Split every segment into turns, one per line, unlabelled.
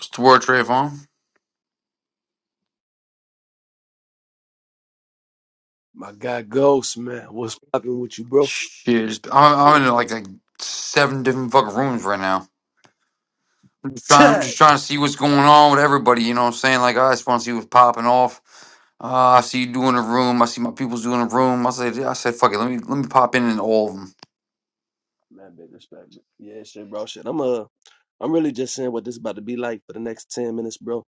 Toward Trayvon?
My guy Ghost, man. What's poppin' with you, bro?
Shit, it's- I'm, I'm
Shit,
in
man.
like, like seven different fucking rooms right now. I'm just, trying, I'm
Ted.
just trying to see what's going on with everybody. You know what I'm saying? Like, I just want to see what's popping off. Uh, I see you doing a room. I see my people's doing a room. I said, I said, fuck it. Let me let me pop in in all of them.
Man, big respect. man. Yeah, shit, bro. Shit. I'm uh I'm really just saying what this about to be like for the next ten minutes, bro.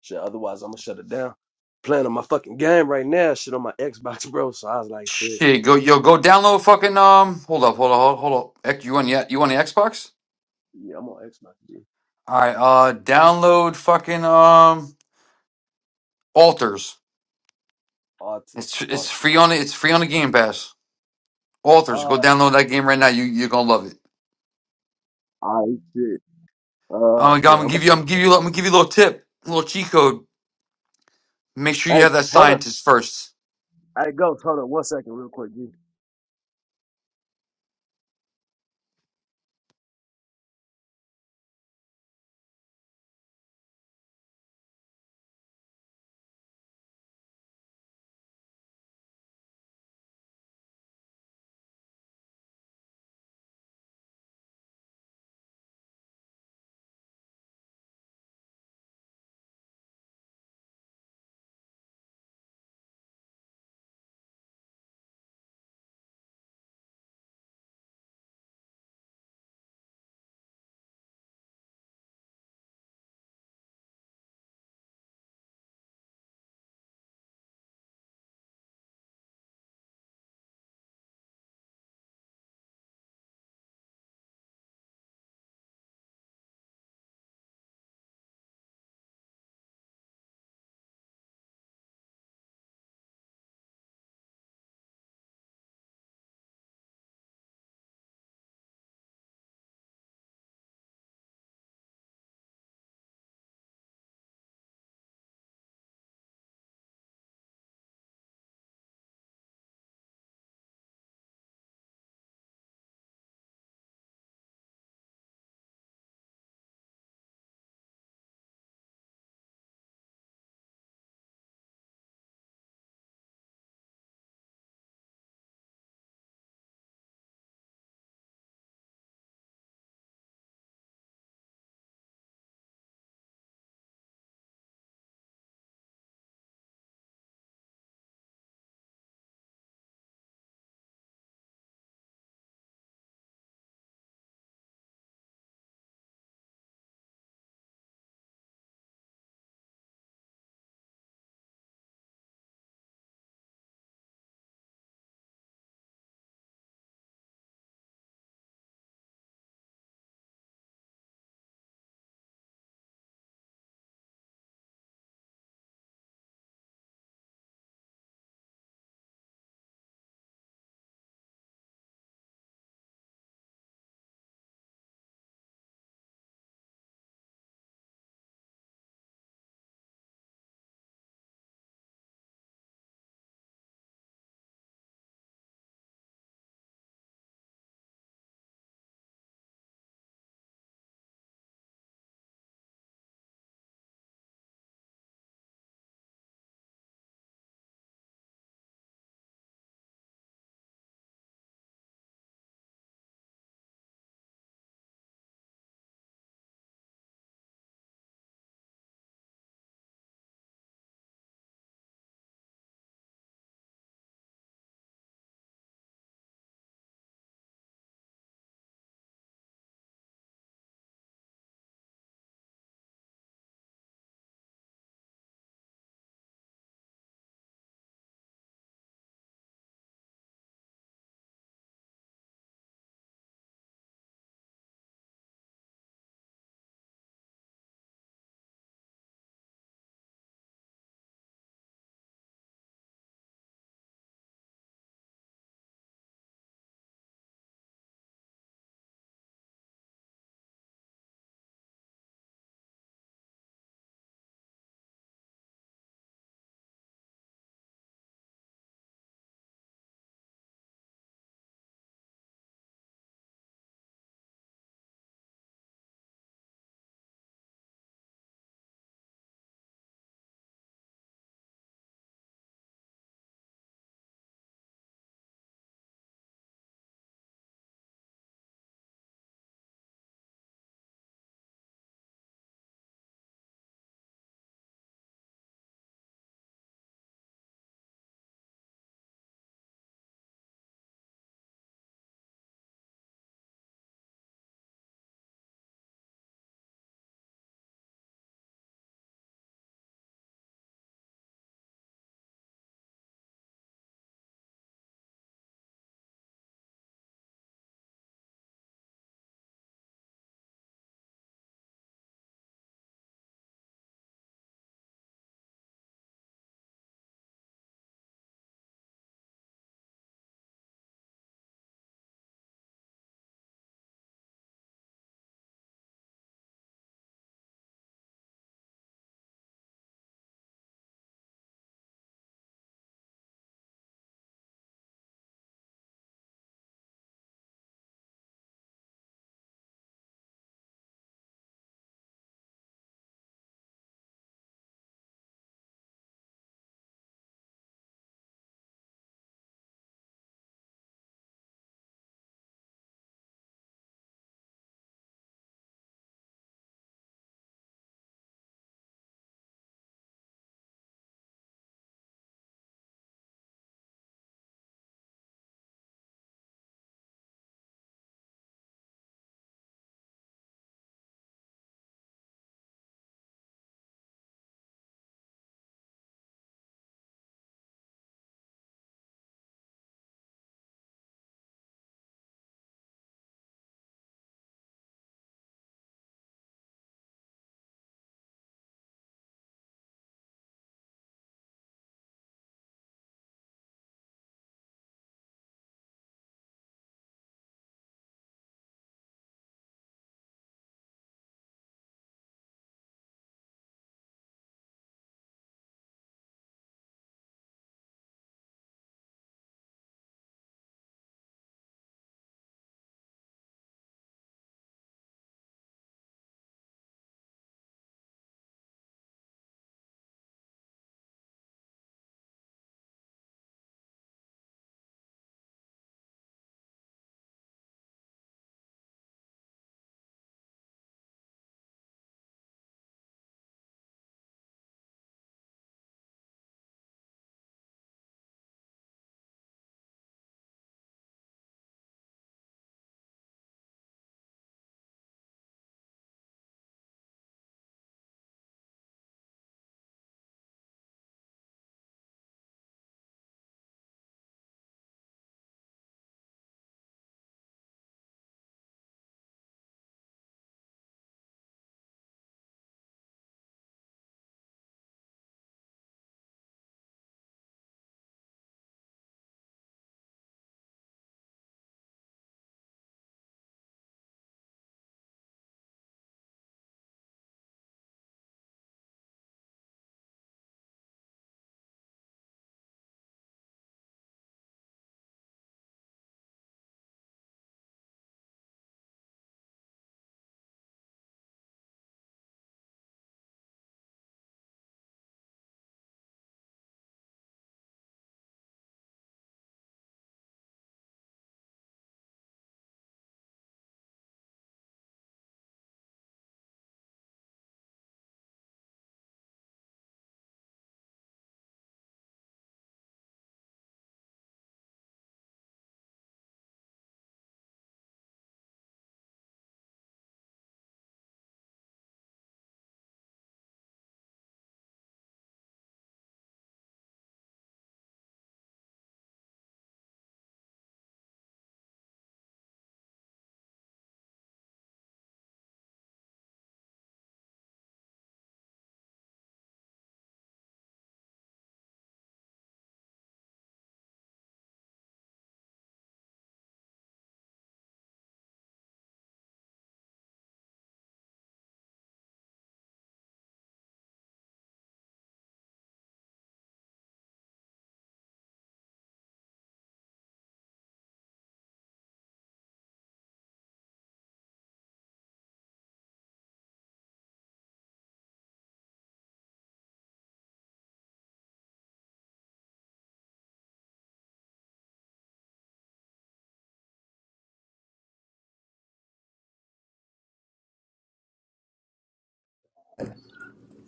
Shit, otherwise I'm gonna shut it down. Playing on my fucking game right now, shit on my Xbox, bro. So I was like, shit.
Shit, go yo, go download fucking um. Hold up, hold up, hold, up, hold up. Ec- You on the you on the Xbox?
Yeah, I'm on Xbox, G.
All right, uh, download fucking um alters.
Artist.
It's it's
Artist.
free on it. It's free on the Game Pass. Authors, go
Uh
download that game right now. You you're gonna love it.
I shit.
Oh
Uh
my god, I'm
yeah, I'm
gonna
about
give you I'm gonna give
to
you I'm gonna give you a little tip, a little cheat code. Make sure you
Hey,
have that
hold up.
scientist first.
Hey Ghost, hold up one second real quick, G.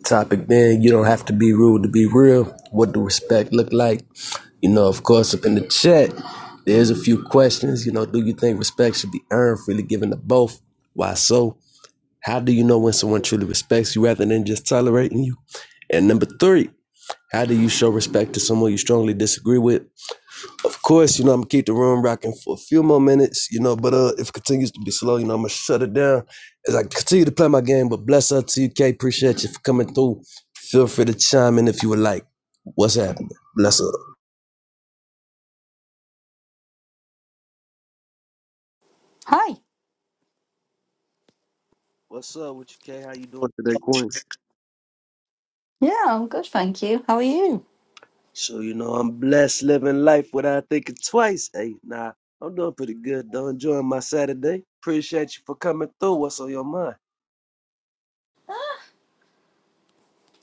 Topic then, you don't have to be rude to be real. What do respect look like? You know, of course, up in the chat, there's a few questions. You know, do you think respect should be earned, freely given to both? Why so? How do you know when someone truly respects you rather than just tolerating you? And number three, how do you show respect to someone you strongly disagree with? Of course, you know, I'm gonna keep the room rocking for a few more minutes, you know, but uh if it continues to be slow, you know, I'm gonna shut it down as I continue to play my game. But bless up to you, K. Appreciate you for coming through. Feel free to chime in if you would like. What's happening? Bless up.
Hi.
What's up with you, K? How you doing today, Queen?
Yeah, I'm good, thank you. How are you?
So, you know, I'm blessed living life without thinking twice. Hey, nah, I'm doing pretty good though. Enjoying my Saturday. Appreciate you for coming through. What's on your mind?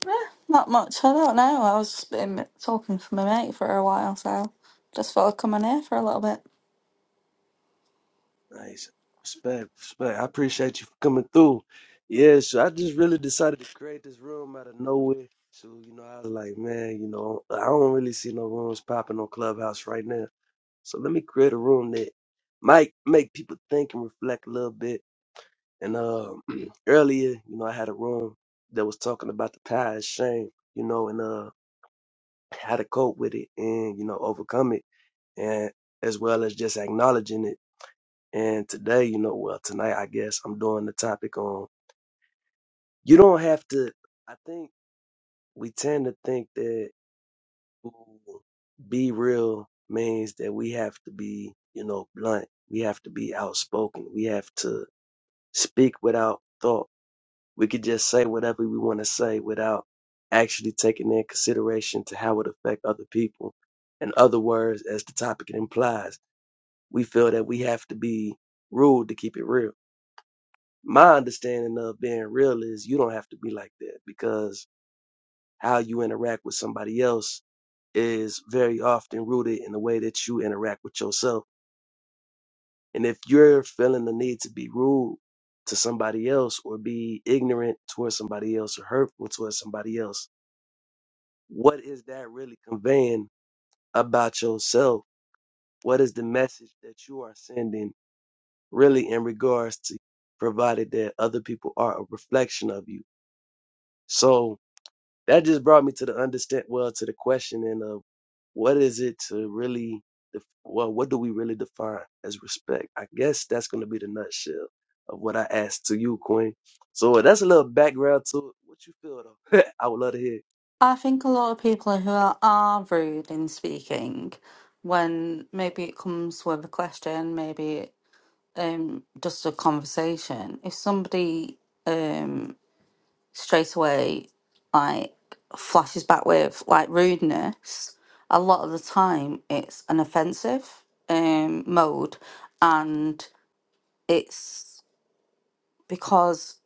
Eh, not much. I don't know. I was been talking to my mate for a while, so just thought I'd come on here for a little bit.
Nice. Respect, respect. I appreciate you for coming through. Yeah, so I just really decided to create this room out of nowhere. So, you know, I was like, man, you know, I don't really see no rooms popping on Clubhouse right now. So let me create a room that might make people think and reflect a little bit. And um earlier, you know, I had a room that was talking about the power of shame, you know, and uh how to cope with it and, you know, overcome it and as well as just acknowledging it and today, you know, well, tonight, I guess I'm doing the topic on you don't have to, I think we tend to think that ooh, be real means that we have to be, you know, blunt. We have to be outspoken. We have to speak without thought. We could just say whatever we want to say without actually taking in consideration to how it affect other people. In other words, as the topic implies, we feel that we have to be rude to keep it real my understanding of being real is you don't have to be like that because how you interact with somebody else is very often rooted in the way that you interact with yourself. And if you're feeling the need to be rude to somebody else or be ignorant towards somebody else or hurtful towards somebody else, what is that really conveying about yourself? What is the message that you are sending really in regards to provided that other people are a reflection of you? So that just brought me to the understand well to the questioning of what is it to really def- well what do we really define as respect i guess that's going to be the nutshell of what i asked to you queen so uh, that's a little background to it what you feel though i would love to hear
I think a lot of people who are, are rude in speaking, when maybe it comes with a question, maybe um just a conversation. If somebody um, straight away like flashes back with like rudeness a lot of the time it's an offensive um mode and it's because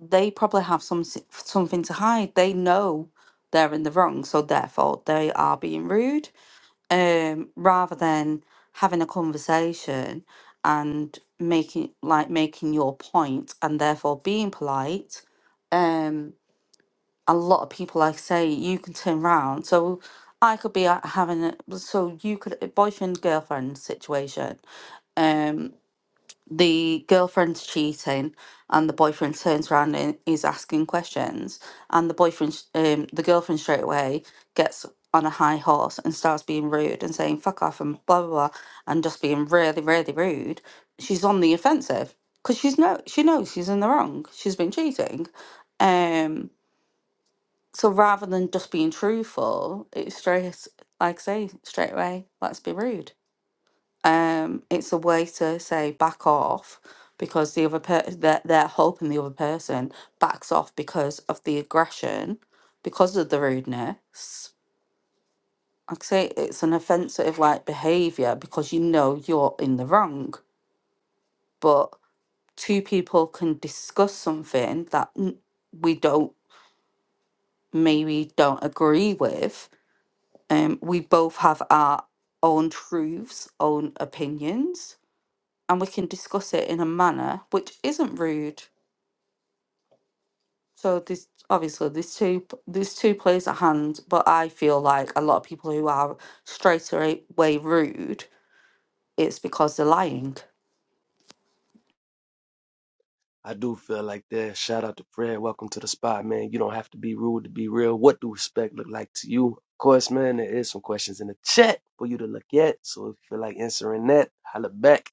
they probably have some si- something to hide they know they're in the wrong so therefore they are being rude um rather than having a conversation and making like making your point and therefore being polite um, a lot of people, like I say, you can turn round. So I could be uh, having a so you could a boyfriend girlfriend situation. Um, the girlfriend's cheating, and the boyfriend turns around and is asking questions, and the boyfriend, s- um, the girlfriend straight away gets on a high horse and starts being rude and saying fuck off and blah blah blah and just being really really rude. She's on the offensive because she's no she knows she's in the wrong. She's been cheating. Um so rather than just being truthful, it's straight, like I say, straight away, let's be rude. Um, it's a way to say back off because the other per- they're, they're hoping the other person backs off because of the aggression, because of the rudeness. Like I say, it's an offensive like behavior because you know you're in the wrong, but two people can discuss something that n- we don't maybe don't agree with Um, we both have our own truths, own opinions, and we can discuss it in a manner which isn't rude. So this obviously there's two p- there's two plays at hand, but I feel like a lot of people who are straight away rude, it's because they're lying.
i do feel like that shout out to fred welcome to the spot man you don't have to be rude to be real what do respect look like to you of course man there is some questions in the chat for you to look at so if you feel like answering that holla back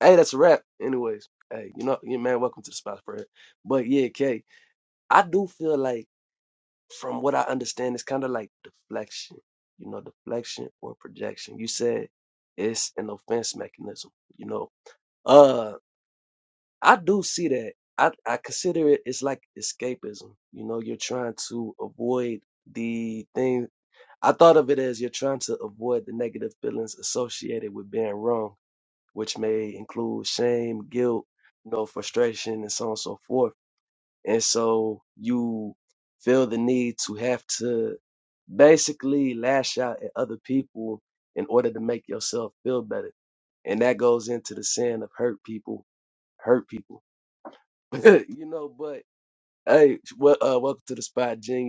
Hey, that's a wrap. Anyways, hey, you know, yeah, man, welcome to the spot spread. But yeah, Kay, I do feel like, from what I understand, it's kind of like deflection. You know, deflection or projection. You said it's an offense mechanism. You know, uh, I do see that. I I consider it. It's like escapism. You know, you're trying to avoid the thing. I thought of it as you're trying to avoid the negative feelings associated with being wrong which may include shame, guilt, you know, frustration, and so on and so forth. And so you feel the need to have to basically lash out at other people in order to make yourself feel better. And that goes into the sin of hurt people, hurt people. you know, but hey, well, uh, welcome to the spot, Genius.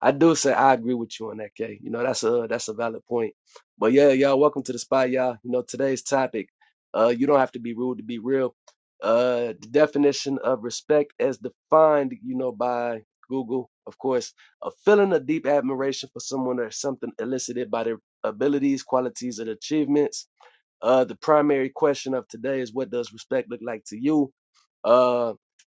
I do say I agree with you on that, Kay. You know, that's a that's a valid point. But yeah, y'all, welcome to the spot, y'all. You know, today's topic, uh, you don't have to be rude to be real. Uh, the definition of respect as defined, you know, by Google, of course, a feeling of deep admiration for someone or something elicited by their abilities, qualities, and achievements. Uh, the primary question of today is what does respect look like to you? Uh,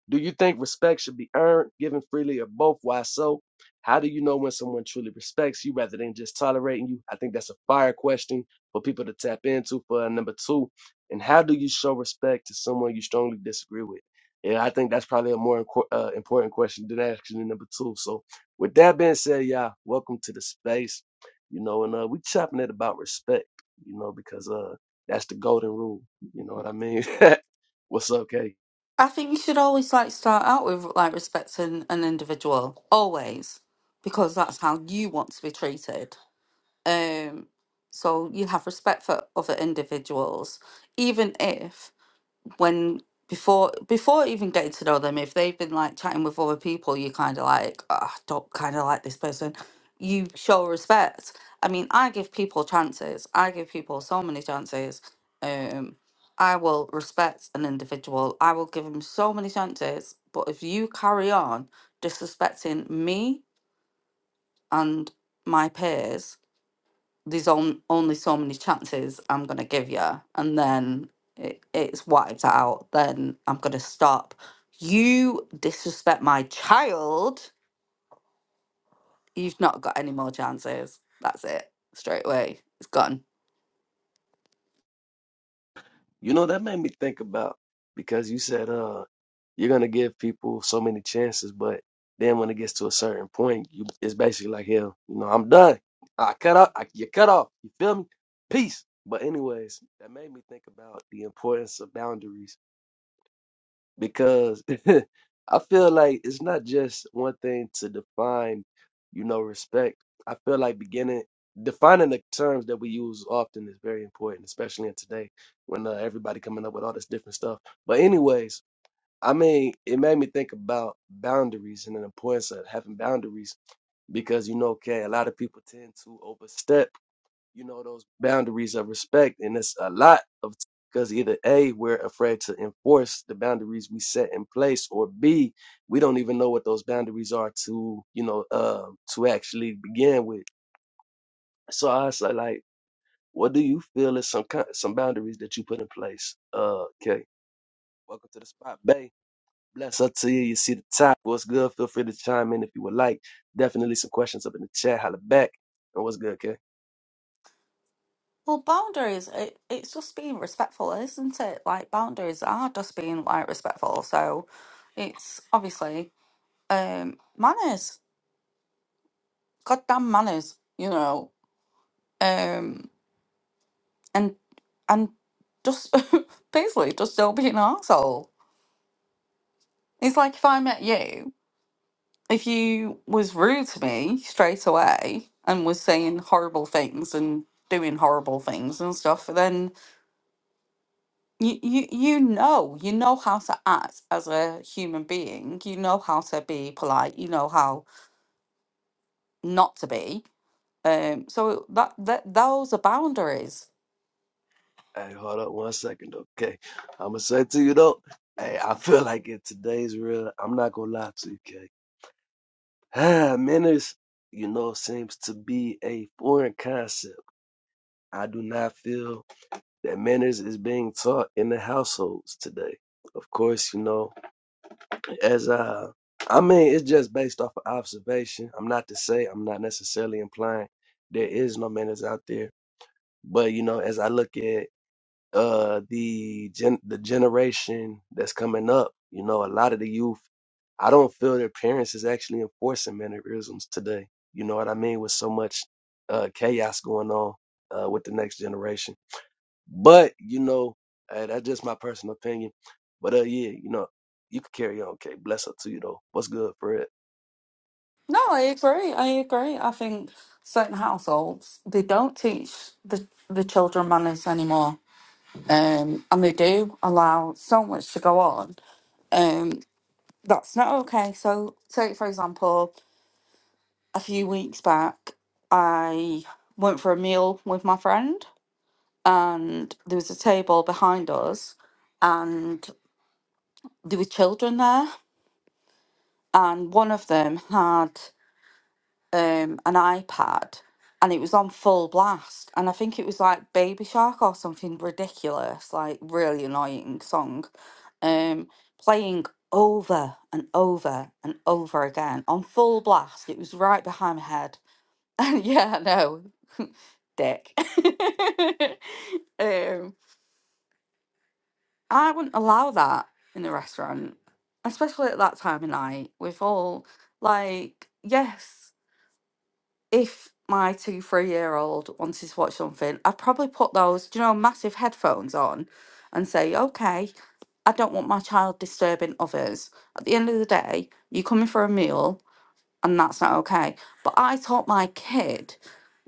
do you think respect should be earned, given freely, or both? Why so? How do you know when someone truly respects you rather than just tolerating you? I think that's a fire question for people to tap into for uh, number two. And how do you show respect to someone you strongly disagree with? Yeah, I think that's probably a more inco- uh, important question than actually number two. So, with that being said, y'all, welcome to the space. You know, and uh, we chopping it about respect. You know, because uh, that's the golden rule. You know what I mean? What's up, K?
I think you should always like start out with like respecting an individual, always, because that's how you want to be treated. Um, so you have respect for other individuals, even if when before before even getting to know them, if they've been like chatting with other people, you kind of like, oh, I don't kind of like this person. You show respect. I mean, I give people chances. I give people so many chances. Um, I will respect an individual. I will give them so many chances. But if you carry on disrespecting me and my peers, there's on, only so many chances I'm gonna give you, and then it, it's wiped out. Then I'm gonna stop. You disrespect my child. You've not got any more chances. That's it. Straight away, it's gone.
You know, that made me think about because you said uh you're gonna give people so many chances, but then when it gets to a certain point, you it's basically like hell, you know, I'm done. I cut off I, you cut off. You feel me? Peace. But anyways, that made me think about the importance of boundaries because I feel like it's not just one thing to define, you know, respect. I feel like beginning defining the terms that we use often is very important, especially in today when uh, everybody coming up with all this different stuff. But anyways, I mean, it made me think about boundaries and the importance of having boundaries because you know, okay, a lot of people tend to overstep you know those boundaries of respect and it's a lot of because either a we're afraid to enforce the boundaries we set in place or b we don't even know what those boundaries are to you know uh, to actually begin with so i was like like, what do you feel is some kind some boundaries that you put in place uh okay welcome to the spot bay bless up to you you see the top what's good feel free to chime in if you would like definitely some questions up in the chat holla back and what's good K?
Well, boundaries. It, it's just being respectful, isn't it? Like boundaries are just being like respectful. So, it's obviously um manners. Goddamn manners. You know. um. and and just basically just don't be an asshole. It's like if I met you, if you was rude to me straight away and was saying horrible things and doing horrible things and stuff, then you you you know you know how to act as a human being. You know how to be polite. You know how not to be. Um, so that that those are boundaries
Hey, hold up one second, okay? I'ma say to you though, hey, I feel like in today's real, I'm not gonna lie to you, okay? Ah, menace, you know, seems to be a foreign concept. I do not feel that manners is being taught in the households today. Of course, you know, as I, I mean, it's just based off of observation. I'm not to say, I'm not necessarily implying there is no manners out there, but you know, as I look at uh the gen the generation that's coming up you know a lot of the youth i don't feel their parents is actually enforcing mannerisms today you know what i mean with so much uh chaos going on uh with the next generation but you know uh, that's just my personal opinion but uh yeah you know you could carry on k bless up to you though what's good for it
No, I agree. I agree. I think certain households they don't teach the the children manners anymore, um, and they do allow so much to go on. Um, that's not okay. So, take for example, a few weeks back, I went for a meal with my friend, and there was a table behind us, and there were children there, and one of them had. um, an iPad and it was on full blast. And I think it was like Baby Shark or something ridiculous, like really annoying song, um, playing over and over and over again on full blast. It was right behind my head. And yeah, no, dick. um, I wouldn't allow that in a restaurant, especially at that time of night. With all, like, yes. if my two, three year old wanted to watch something, I'd probably put those, do you know, massive headphones on and say, okay, I don't want my child disturbing others. At the end of the day, you're coming for a meal and that's not okay. But I taught my kid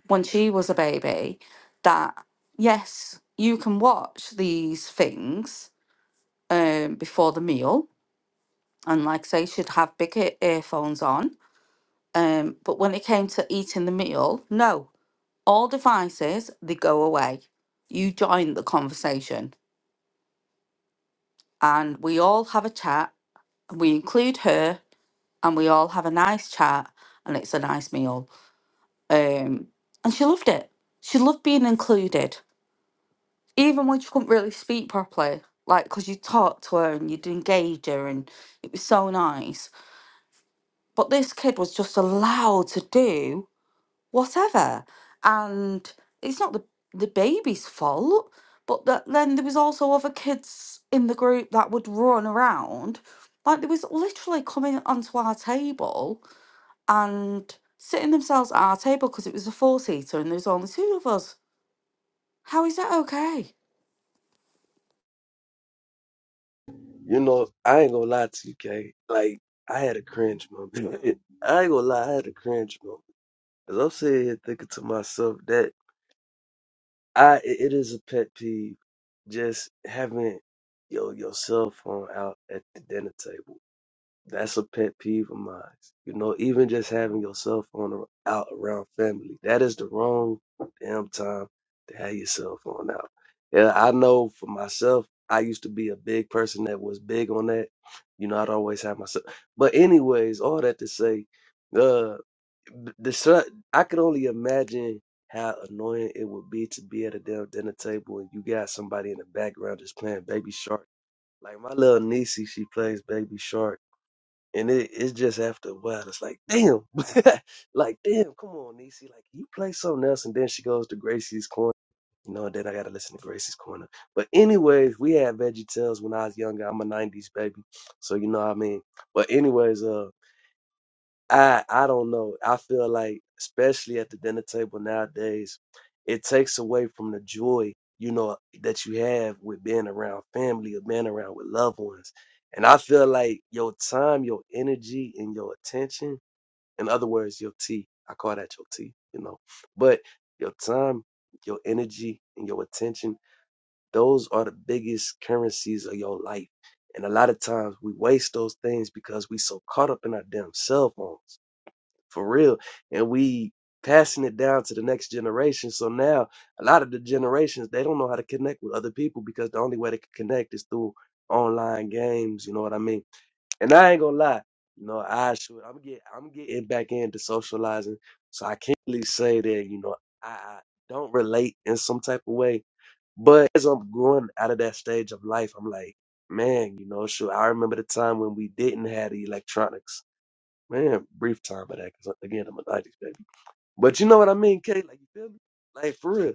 when she was a baby that, yes, you can watch these things um, before the meal. And like I say, she'd have big ear- earphones on. Um, but when it came to eating the meal, no, all devices they go away you join the conversation and we all have a chat we include her and we all have a nice chat and it's a nice meal um and she loved it she loved being included even when she couldn't really speak properly like because you talked to her and you'd engage her and it was so nice but this kid was just allowed to do whatever. And it's not the the baby's fault, but that then there was also other kids in the group that would run around. Like they was literally coming onto our table and sitting themselves at our table because it was a four seater and there was only two of us. How is that okay?
you know i ain't gonna lie to you k like i had a cringe moment i ain't gonna lie i had a cringe moment Cause I'm sitting here thinking to myself that I it it is a pet peeve just having your your cell phone out at the dinner table. That's a pet peeve of mine. You know, even just having your cell phone ar- out around family, that is the wrong damn time to have your cell phone out. Yeah, I know for myself, I used to be a big person that was big on that. You know, I'd always have my cell. But anyways, all that to say, uh, th- the cell- I could only imagine how annoying it would be to be at a damn dinner table and you got somebody in the background just playing Baby Shark. Like my little niecey, she plays Baby Shark and it, it's just after a while, it's like, damn, like, damn, come on, Niecy, like, you play something else. And then she goes to Gracie's Corner. You know, then I got to listen to Gracie's Corner. But, anyways, we had Veggie Tales when I was younger. I'm a 90s baby. So, you know what I mean? But, anyways, uh, I I don't know. I feel like, especially at the dinner table nowadays, it takes away from the joy, you know, that you have with being around family or being around with loved ones. And I feel like your time, your energy, and your attention, in other words, your tea. I call that your tea, you know. But your time, your energy, and your attention, those are the biggest currencies of your life. And a lot of times we waste those things because we so caught up in our damn cell phones for real. And we passing it down to the next generation. So now a lot of the generations they don't know how to connect with other people because the only way they can connect is through online games. You know what I mean? And I ain't gonna lie, you know, I should I'm get I'm getting back into socializing. So I can't really say that, you know, I, I don't relate in some type of way. But as I'm growing out of that stage of life, I'm like, man, you know, sure, I remember the time when we didn't have the electronics Man, brief time of that, because again, I'm a 90s baby. But you know what I mean, Kate? Like, you feel me? Like, for real.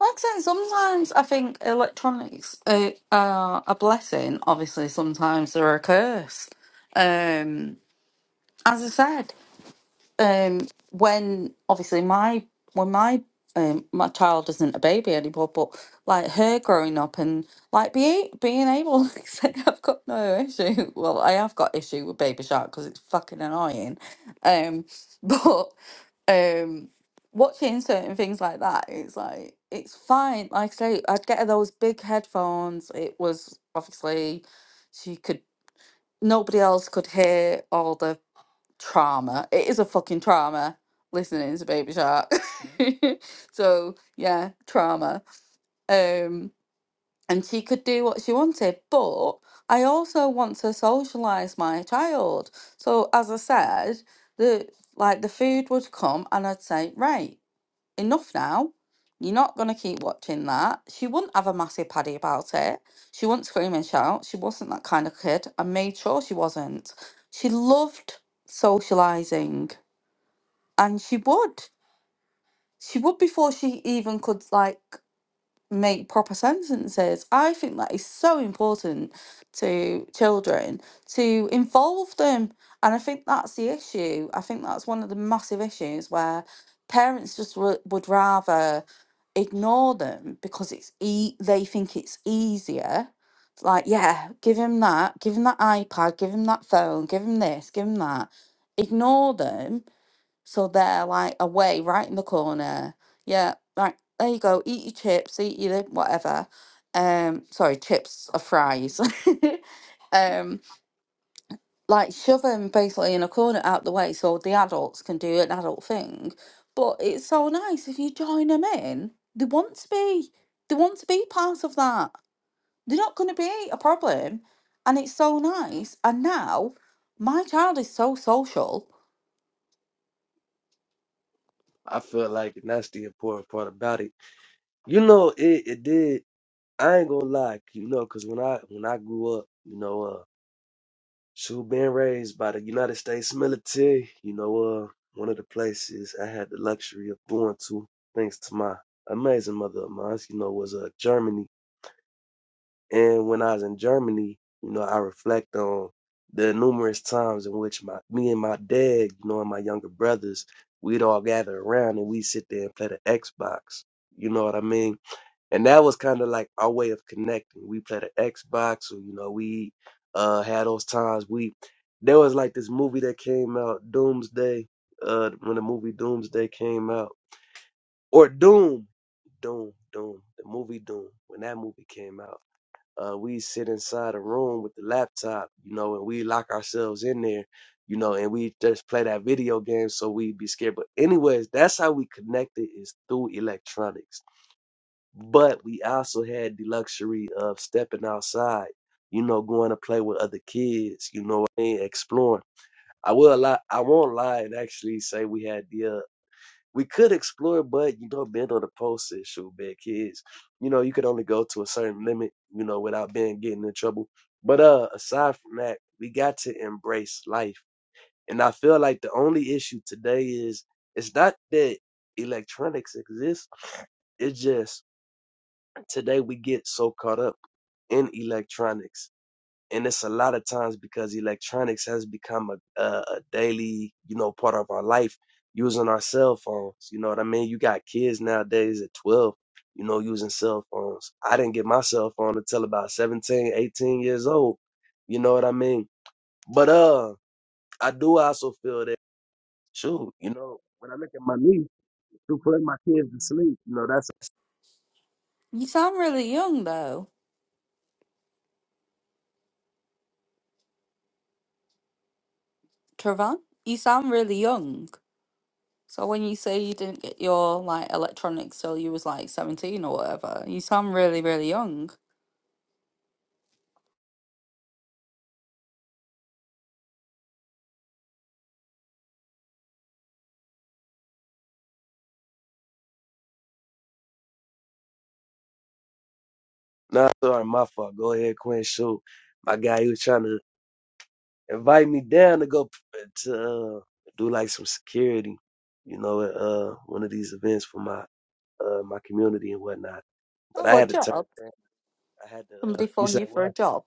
Like I said, sometimes I think electronics uh, are a blessing. Obviously, sometimes they're a curse. Um, as I said, um when obviously my when my um my child isn't a baby anymore but like her growing up and like be being able to say I've got no issue well I have got issue with Baby Shark because it's fucking annoying um but um watching certain things like that it's like it's fine like I say I'd get her those big headphones it was obviously she could nobody else could hear all the trauma. It is a fucking trauma listening to Baby Shark. so yeah, trauma. Um, and she could do what she wanted, but I also want to socialize my child. So as I said, the like the food would come, and I'd say, right, enough now. You're not gonna keep watching that. She wouldn't have a massive paddy about it. She wouldn't scream and shout. She wasn't that kind of kid. I made sure she wasn't. She loved socializing and she would she would before she even could like make proper sentences i think that is so important to children to involve them and i think that's the issue i think that's one of the massive issues where parents just w- would rather ignore them because it's e- they think it's easier It's like yeah give him that give him that ipad give him that phone give him this give him that ignore them so they're like away, right in the corner. Yeah, like there you go. Eat your chips, eat your whatever. Um, sorry, chips or fries. um, like shove them basically in a corner out the way so the adults can do an adult thing. But it's so nice if you join them in. They want to be. They want to be part of that. They're not going to be a problem, and it's so nice. And now my child is so social.
I feel like, and that's the important part about it. You know, it, it did. I ain't gonna lie, you know, because when I when I grew up, you know, uh, so being raised by the United States military, you know, uh, one of the places I had the luxury of going to, thanks to my amazing mother of mine, you know, was uh Germany. And when I was in Germany, you know, I reflect on the numerous times in which my me and my dad, you know, and my younger brothers, we'd all gather around and we'd sit there and play the Xbox. You know what I mean? And that was kind of like our way of connecting. We played the Xbox, or you know, we uh had those times. We there was like this movie that came out, Doomsday. Uh, when the movie Doomsday came out, or Doom, Doom, Doom, the movie Doom, when that movie came out uh, we sit inside a room with the laptop, you know, and we lock ourselves in there, you know, and we just play that video game so we be scared. But anyways, that's how we connected is through electronics. But we also had the luxury of stepping outside, you know, going to play with other kids, you know, what I mean, exploring. I will lie, I won't lie and actually say we had the uh, we could explore, but you know, being on the post issue, being kids, you know, you could only go to a certain limit, you know, without being getting in trouble. But uh, aside from that, we got to embrace life, and I feel like the only issue today is it's not that electronics exist; it's just today we get so caught up in electronics and it's a lot of times because electronics has become a, a, a daily you know part of our life using our cell phones you know what i mean you got kids nowadays at 12 you know using cell phones i didn't get my cell phone until about 17, 18 years old you know what i mean but uh i do also feel that shoot you know when i look at my niece who put my kids to sleep you know that's
You sound really young though. Trevor, you sound really young. So when you say you didn't get your like electronics till you was like seventeen or whatever, you sound really, really young.
nah sorry my fault go ahead quinn shoot my guy he was trying to invite me down to go p- to uh, do like some security, you know, at uh, one of these events for my uh, my community and whatnot. But I
Oh, a
had to turn.
job?
it down. I had to. Uh,
Somebody
you
phone
said
you for
what?
a job?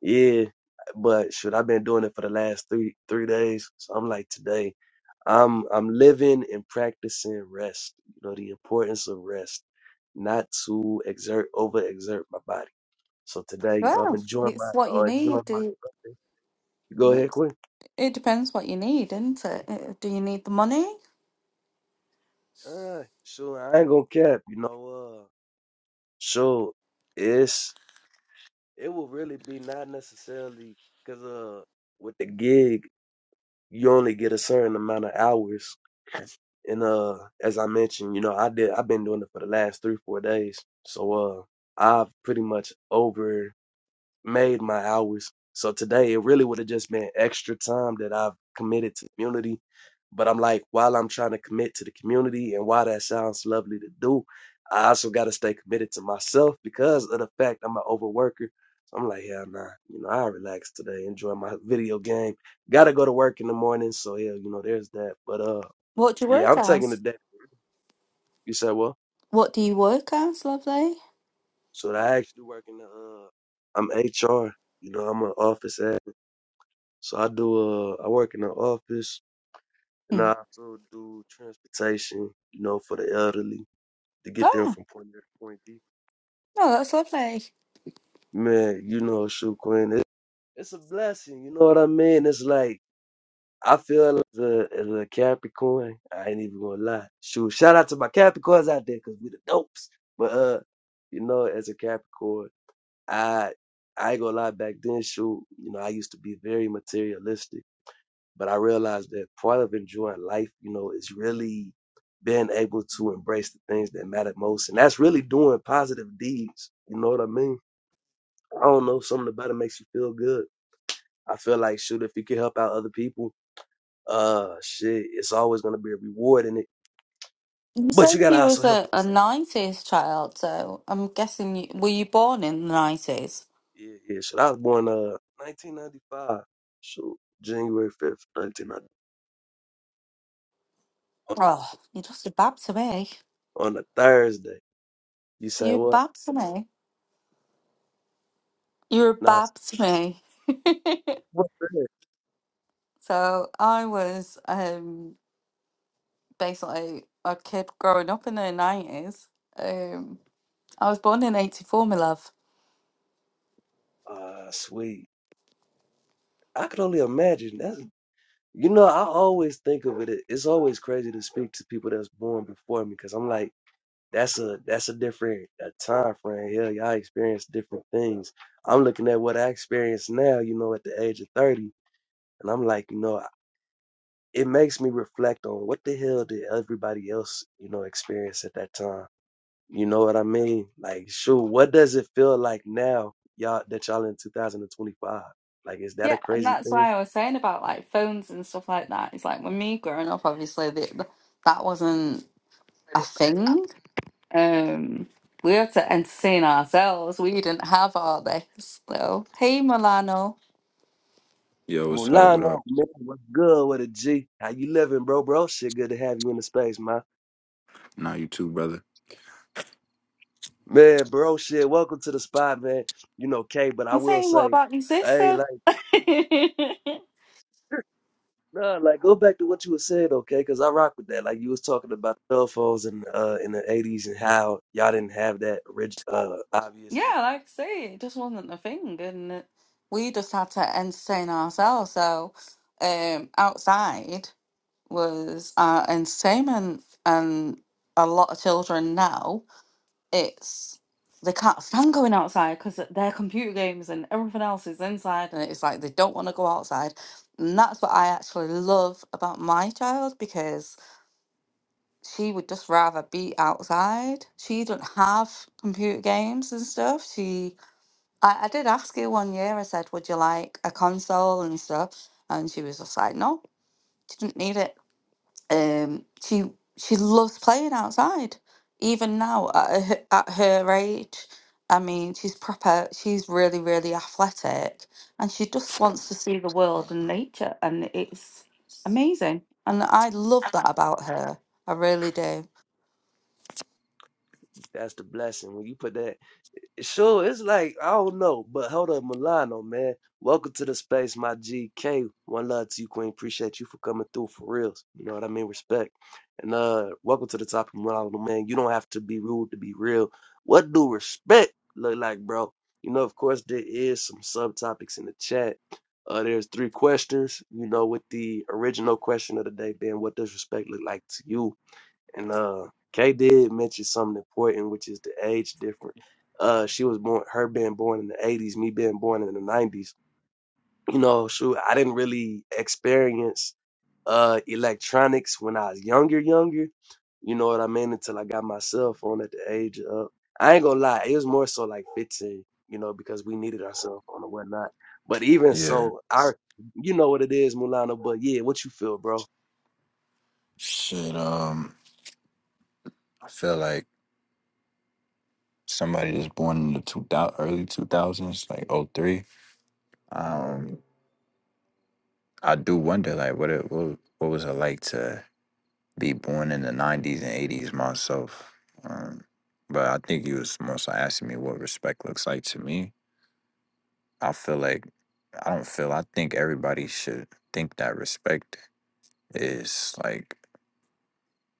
Yeah, but shoot, I've been doing it for the last three three days. So I'm like today. I'm I'm living and practicing rest. You know the importance of rest, not to exert over exert my body. So today, you know, I'm
Well,
enjoying
it's
my
what you
uh,
need.
enjoying
It,
my. Go ahead, Quinn.
it depends what you need, isn't it? Uh, Do you need the money?
Uh, so I ain't gonna cap, you know. Uh, so it's it will really be not necessarily because uh with the gig you only get a certain amount of hours, and uh as I mentioned, you know I did I've been doing it for the last three four days, so uh I've pretty much over. made my hours. So today it really would have just been extra time that I've committed to the community. But I'm like, while I'm trying to commit to the community and while that sounds lovely to do, I also got to stay committed to myself because of the fact I'm an overworker. So I'm like, hell nah, you know, I relax today, enjoy my video game. Got to go to work in the morning. So yeah, you know, there's that. But uh,
What do you work
yeah, I'm taking the
as?
day. You said, well,
What do you work as, lovely?
so I actually work in the, uh, I'm HR, you know, I'm an office admin. So I do uh I work in the office and
Hmm.
I also do transportation, you know, for the elderly to get them
Oh,
from point A to point B.
no, that's lovely.
Man, you know, shoot Quinn, it, it's a blessing, you know what I mean? It's like I feel like the as a Capricorn, I ain't even gonna lie. Shoot, shout out to my Capricorns out there, cause we the dopes. But uh, you know, as a Capricorn, I I ain't gonna lie back then, shoot, you know, I used to be very materialistic But I realized that part of enjoying life, you know, is really being able to embrace the things that matter most. And that's really doing positive deeds. You know what I mean? I don't know, something about it makes you feel good. I feel like shoot, if you can help out other people, uh shit, it's always gonna be a reward in it.
You
But
said
you gotta
you was
also help
a, a
yourself out too.
90s child, so I'm guessing you, were you born in the 90s?
Yeah, yeah. Shit, I was born uh nineteen ninety five. Shoot, January fifth, nineteen ninety on
Oh, you're just a Bab to me.
a, on a Thursday. You say
You're a
what?
Bab to me. You're a
Nah, it's-
Bab to me.
what? Thursday?
So I was um, basically a kid growing up in the 90s. Um, I was born in 84, my love.
Ah, sweet. I could only imagine. That's you know, I always think of it. It's always crazy to speak to people that's born before me because I'm like, that's a that's a different a time frame. Yeah, y'all experience different things. I'm looking at what I experience now. You know, at the age of thirty, and I'm like, you know, it makes me reflect on what the hell did everybody else, you know, experience at that time. You know what I mean? Like, sure, what does it feel like now, y'all, that y'all in 2025? Like, is that a
Yeah, and
crazy
that's
thing?
why I was saying about like phones and stuff like that. It's like when me growing up, obviously, the, that wasn't a thing. Um, we had to entertain ourselves. We didn't have all this. So, hey, Milano.
Yo, what's up? What up?
Mulano, man, what's good with a G? How you living, bro? Bro, shit, good to have you in the space, man.
Nah, you too, brother.
Man, bro, shit, welcome to the spot, man. You know, K, but I
I'm
will
saying, what
say,
about your
hey,
sister?
like,
yeah,
nah, like, go back to what you were saying, okay? Because I rock with that. Like, you was talking about cell phones in uh in the '80s and how y'all didn't have that. Orig- uh,
like
obviously,
I say, it just wasn't the thing, and it- we just had to entertain ourselves. So, um, outside was our entertainment, and a lot of children now it's they can't stand going outside because their computer games and everything else is inside, and it's like they don't want to go outside. And that's what I actually love about my child because. she would just rather be outside. She doesn't have computer games and stuff. She, I, I did ask her one year. I said, "Would you like a console and stuff?" And she was just like, "No, she didn't need it." Um, she she loves playing outside. Even now, at her, at her age, I mean, she's proper. She's really, really athletic, and she just wants to see the world and nature, and it's amazing. And I love that about her. I really do.
that's the blessing when you put that. Sure, it's like I don't know, but hold up, Milano, man. Welcome to the space, my GK. One love to you, Queen. Appreciate you for coming through for reals. You know what I mean? Respect. And uh welcome to the topic, Milano, man. You don't have to be rude to be real. What do respect look like, bro? You know, of course, there is some subtopics in the chat. Uh there's three questions, you know, with the original question of the day being what does respect look like to you? And uh Kay did mention something important, which is the age difference. Uh she was born her being born in the eighties, me being born in the nineties. You know, shoot, I didn't really experience uh electronics when I was younger, younger. You know what I mean? Until I got my cell phone at the age of I ain't gonna lie, it was more so like fifteen, you know, because we needed our cell phone and whatnot. But even
Yeah.
so, our you know what it is, Mulana, but yeah, what you feel, bro?
Shit, um, I feel like somebody that's born in the 2000, early 2000s, like oh three. Um, I do wonder, like, what it what, what was it like to be born in the 90s and 80s myself? Um, but I think you was mostly asking me what respect looks like to me. I feel like, I don't feel, I think everybody should think that respect is like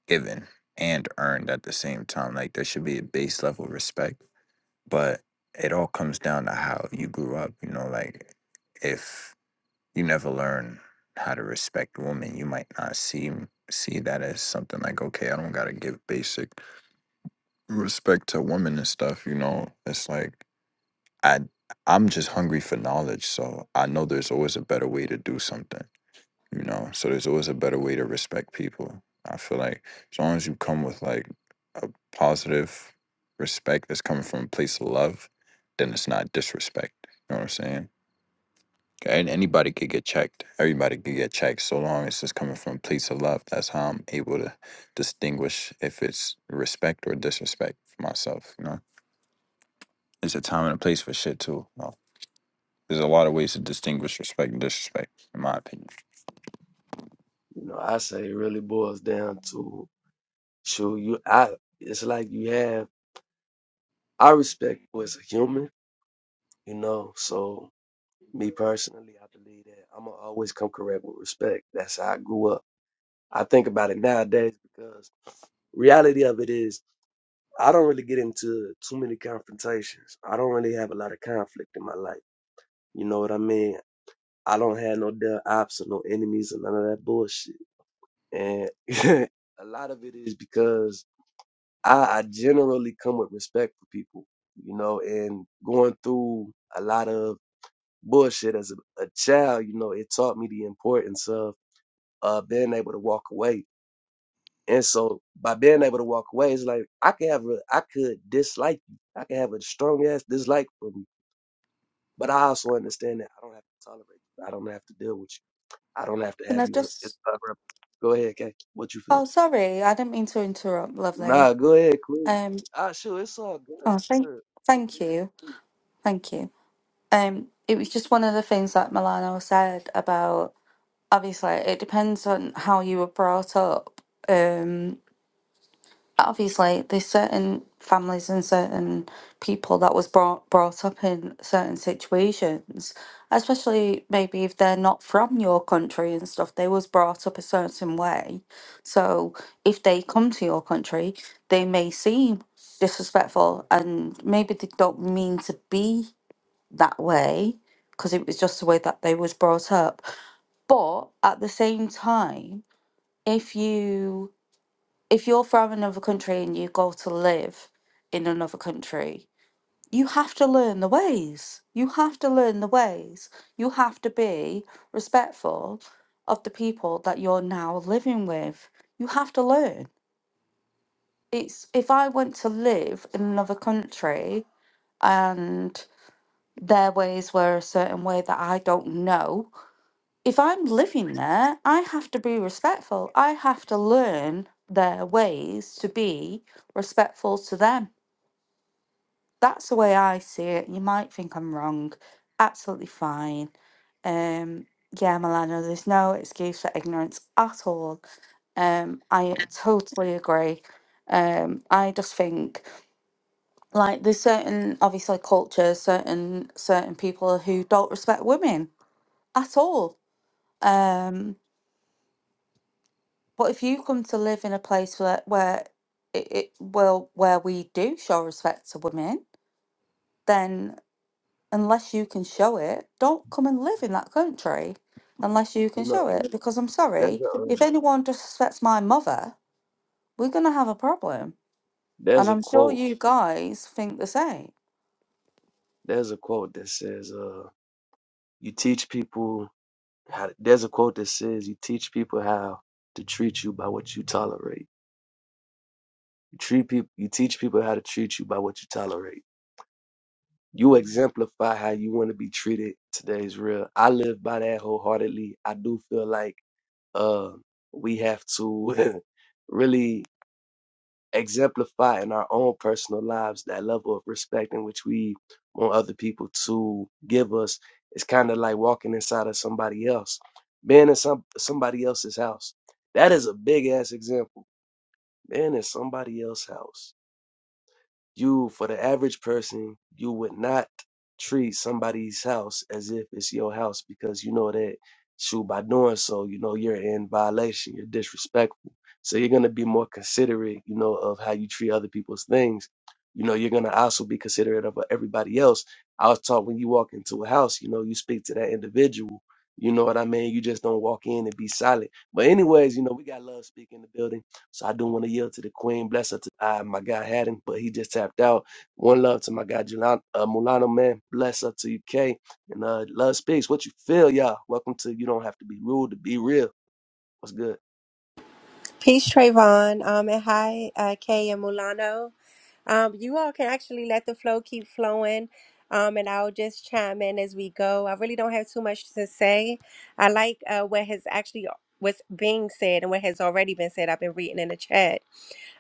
given and earned at the same time. Like there should be a base level respect, but it all comes down to how you grew up. You know, like if you never learn how to respect women, you might not see see that as something like okay, I don't gotta give basic respect to women and stuff. You know, it's like I I'm just hungry for knowledge, so I know there's always a better way to do something you know so there's always a better way to respect people i feel like as long as you come with like a positive respect that's coming from a place of love then it's not disrespect you know what i'm saying and anybody could get checked everybody could get checked so long as it's coming from a place of love that's how i'm able to distinguish if it's respect or disrespect for myself you know there's a time and a place for shit too you know? there's a lot of ways to distinguish respect and disrespect in my opinion
You know, I say it really boils down to So you, I, it's like you have. I respect you as a human, you know. So me personally, I believe that I'm gonna always come correct with respect. That's how I grew up. I think about it nowadays because reality of it is I don't really get into too many confrontations. I don't really have a lot of conflict in my life. You know what I mean? I don't have no dead ops or no enemies or none of that bullshit. And a lot of it is because I, I generally come with respect for people, you know, and going through a lot of bullshit as a, a child, you know, it taught me the importance of uh, being able to walk away. And so by being able to walk away, it's like I can have a, I could dislike you. I can have a strong ass dislike for you, but I also understand that I don't have to tolerate you. I don't have to deal with you. I don't have to
Can
have
I
you as, as
just?
a rep. Go ahead, Kay. What you feel?
Oh, sorry, I didn't mean to interrupt, lovely.
Nah, go ahead, Queen.
Um,
Ah, sure, it's all good.
oh, thank,
Sure.
thank you, thank you. Um, it was just one of the things that Milano said about. Obviously, it depends on how you were brought up. Um, obviously there's certain families and certain people that was brought brought up in certain situations especially maybe if they're not from your country and stuff they was brought up a certain way so if they come to your country they may seem disrespectful and maybe they don't mean to be that way because it was just the way that they was brought up but at the same time if you if you're from another country and you go to live in another country, you have to learn the ways. You have to learn the ways. You have to be respectful of the people that you're now living with. You have to learn. It's if I went to live in another country and their ways were a certain way that I don't know, if I'm living there, I have to be respectful. I have to learn their ways to be respectful to them. That's the way I see it. You might think I'm wrong. Absolutely fine. Um, yeah, Milano, there's no excuse for ignorance at all. Um, I totally agree. Um, I just think like there's certain obviously cultures, certain certain people who don't respect women at all. Um, But if you come to live in a place where where it, it well where we do show respect to women, then unless you can show it, don't come and live in that country unless you
You
can
know,
show it. Because I'm
that's
sorry,
a, um,
if anyone disrespects my mother, we're gonna have a problem.
There's
And
a
I'm sure
quote.
you guys think the same.
There's a quote that says, uh, you teach people how there's a quote that says you teach people how to treat you by what you tolerate. You treat people you teach people how to treat you by what you tolerate. You exemplify how you want to be treated. Today's real. I live by that wholeheartedly. I do feel like uh we have to really exemplify in our own personal lives that level of respect in which we want other people to give us It's kind of like walking inside of somebody else, being in some somebody else's house. That is a big ass example. Being in somebody else's house you, for the average person, you would not treat somebody's house as if it's your house because you know that, shoot, by doing so, you know, you're in violation, you're disrespectful. So you're going to be more considerate, you know, of how you treat other people's things. You know, you're going to also be considerate of everybody else. I was taught when you walk into a house, you know, you speak to that individual. You know what I mean? You just don't walk in and be silent. But anyways, you know, we got love speak in the building. So I do want to yield to the queen. Bless her to I, my guy Haddon, but he just tapped out. One love to my guy Julano, uh, Mulano, man. Bless up to you, K. And uh, love speaks. What you feel, y'all? Welcome to You Don't Have to Be Rude to Be Real. What's good?
Peace, Trayvon. Um, and hi, uh, Kay and Mulano. Um, you all can actually let the flow keep flowing. Um, and I'll just chime in as we go. I really don't have too much to say. I like uh, what has actually what's being said and what has already been said. I've been reading in the chat.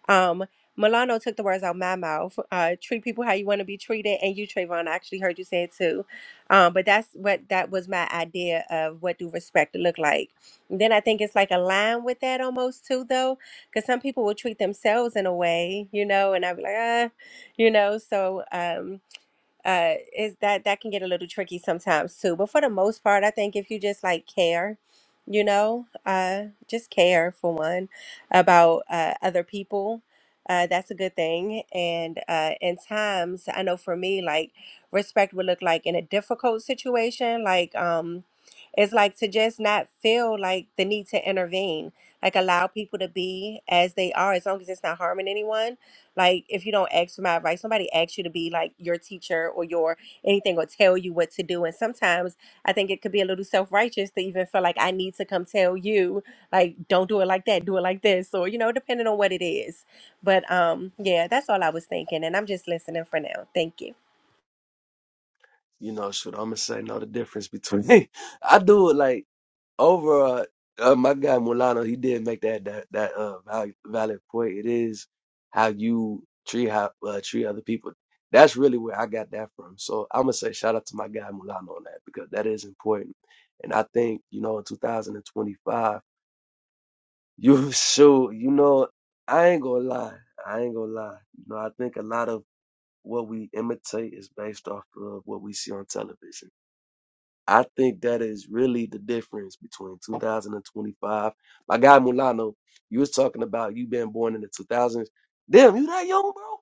Um, Milano took the words out my mouth. Uh, treat people how you want to be treated, and you, Trayvon, I actually heard you say it too. Um, but that's what that was my idea of what do respect look like. And then I think it's like a line with that almost too, though because some people will treat themselves in a way, you know, and I'd be like, ah, you know, so um, uh is that that can get a little tricky sometimes too but for the most part i think if you just like care you know uh just care for one about uh other people uh that's a good thing and uh in times i know for me like respect would look like in a difficult situation like um it's like to just not feel like the need to intervene like allow people to be as they are as long as it's not harming anyone like if you don't ask for my advice, somebody asks you to be like your teacher or your anything or tell you what to do. And sometimes I think it could be a little self righteous to even feel like I need to come tell you like don't do it like that, do it like this, or you know, depending on what it is. But um, yeah, that's all I was thinking, and I'm just listening for now. Thank you.
You know, shoot, I'm going to say, know the difference between. I do it like Over, uh, uh, my guy Mulano, he did make that that that uh valid, valid point. It is how you treat how uh, treat other people. That's really where I got that from. So I'm gonna say shout out to my guy Mulano on that because that is important. And I think you know in 2025, you sure you know I ain't gonna lie, I ain't gonna lie. You know I think a lot of what we imitate is based off of what we see on television I think that is really the difference between 2025. My guy Mulano, you was talking about you being born in the 2000s. Damn, you that young, bro?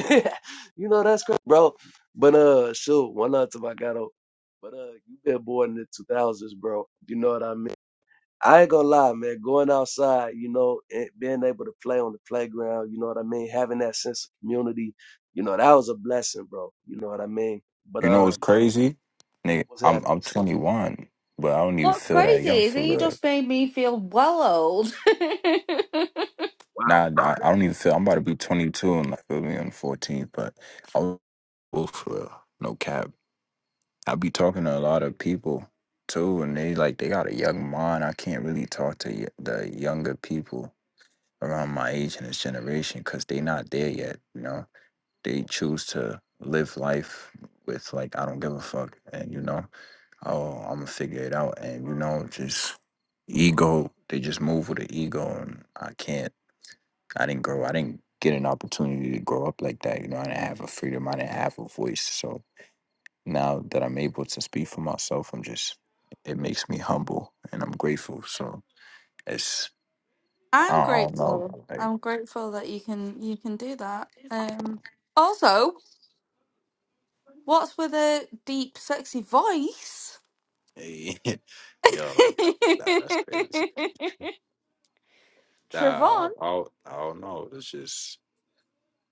Damn. you know that's crazy, bro. But uh, shoot, one out to my gato. But uh, you been born in the 2000s, bro. You know what I mean? I ain't gonna lie, man. Going outside, you know, and being able to play on the playground, you know what I mean? Having that sense of community, you know, that was a blessing, bro. You know what I mean? But
You know what's
um,
crazy? Nigga,
what's
I'm
happening?
I'm 21, but I don't even
What's
feel that
crazy
young
is
for
he
real.
just made me feel well old.
Wow.
Nah, nah, I don't even feel. I'm about to be 22 and like feel me on the 14th, but I'm old for real. No cap. I be talking to a lot of people too, and they like they got a young mind. I can't really talk to y- the younger people around my age and this generation because they not there yet. You know, they choose to live life with like I don't give a fuck, and you know. oh, I'm gonna figure it out, and you know, just ego. They just move with the ego, and I can't. I didn't grow. I didn't get an opportunity to grow up like that. You know, I didn't have a freedom. I didn't have a voice. So now that I'm able to speak for myself, I'm just. It makes me humble, and I'm grateful. So it's. I
I'm
I don't know.
grateful.
Like,
I'm grateful that you can you can do that. Um also What's with a deep, sexy voice?
yo, nah, that's crazy. Nah,
Trevon,
I, don't- I don't know. It's just.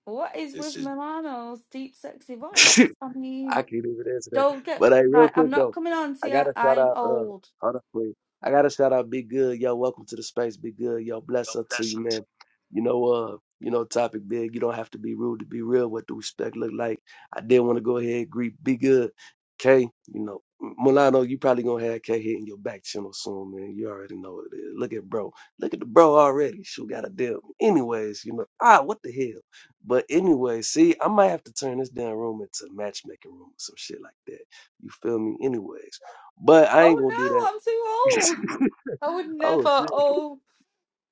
what is
It's
with
just.
Milano's deep, sexy voice? I
I
mean,
can't even answer that.
don't get
But hey, real
like I'm
quick
not
though,
coming on to
I
you.
gotta shout
I'm
out uh
old.
hold up quick. I gotta shout out Big Good, yo, welcome to the space, Big Good, yo, bless up to you, man. You know, uh, you know, topic big, you don't have to be rude to be real. What do respect look like? I did want to go ahead and greet Big Good. K, you know, Milano, you probably gonna have K hitting your back channel soon, man. You already know what it is. Look at bro. Look at the bro already. She got a deal. Anyways, you know, ah, what the hell? But anyway, see, I might have to turn this damn room into a matchmaking room or some shit like that. You feel me? Anyways, but I
Oh
ain't gonna do that.
no, I'm too old. I would
oh
never.
shit.
Oh,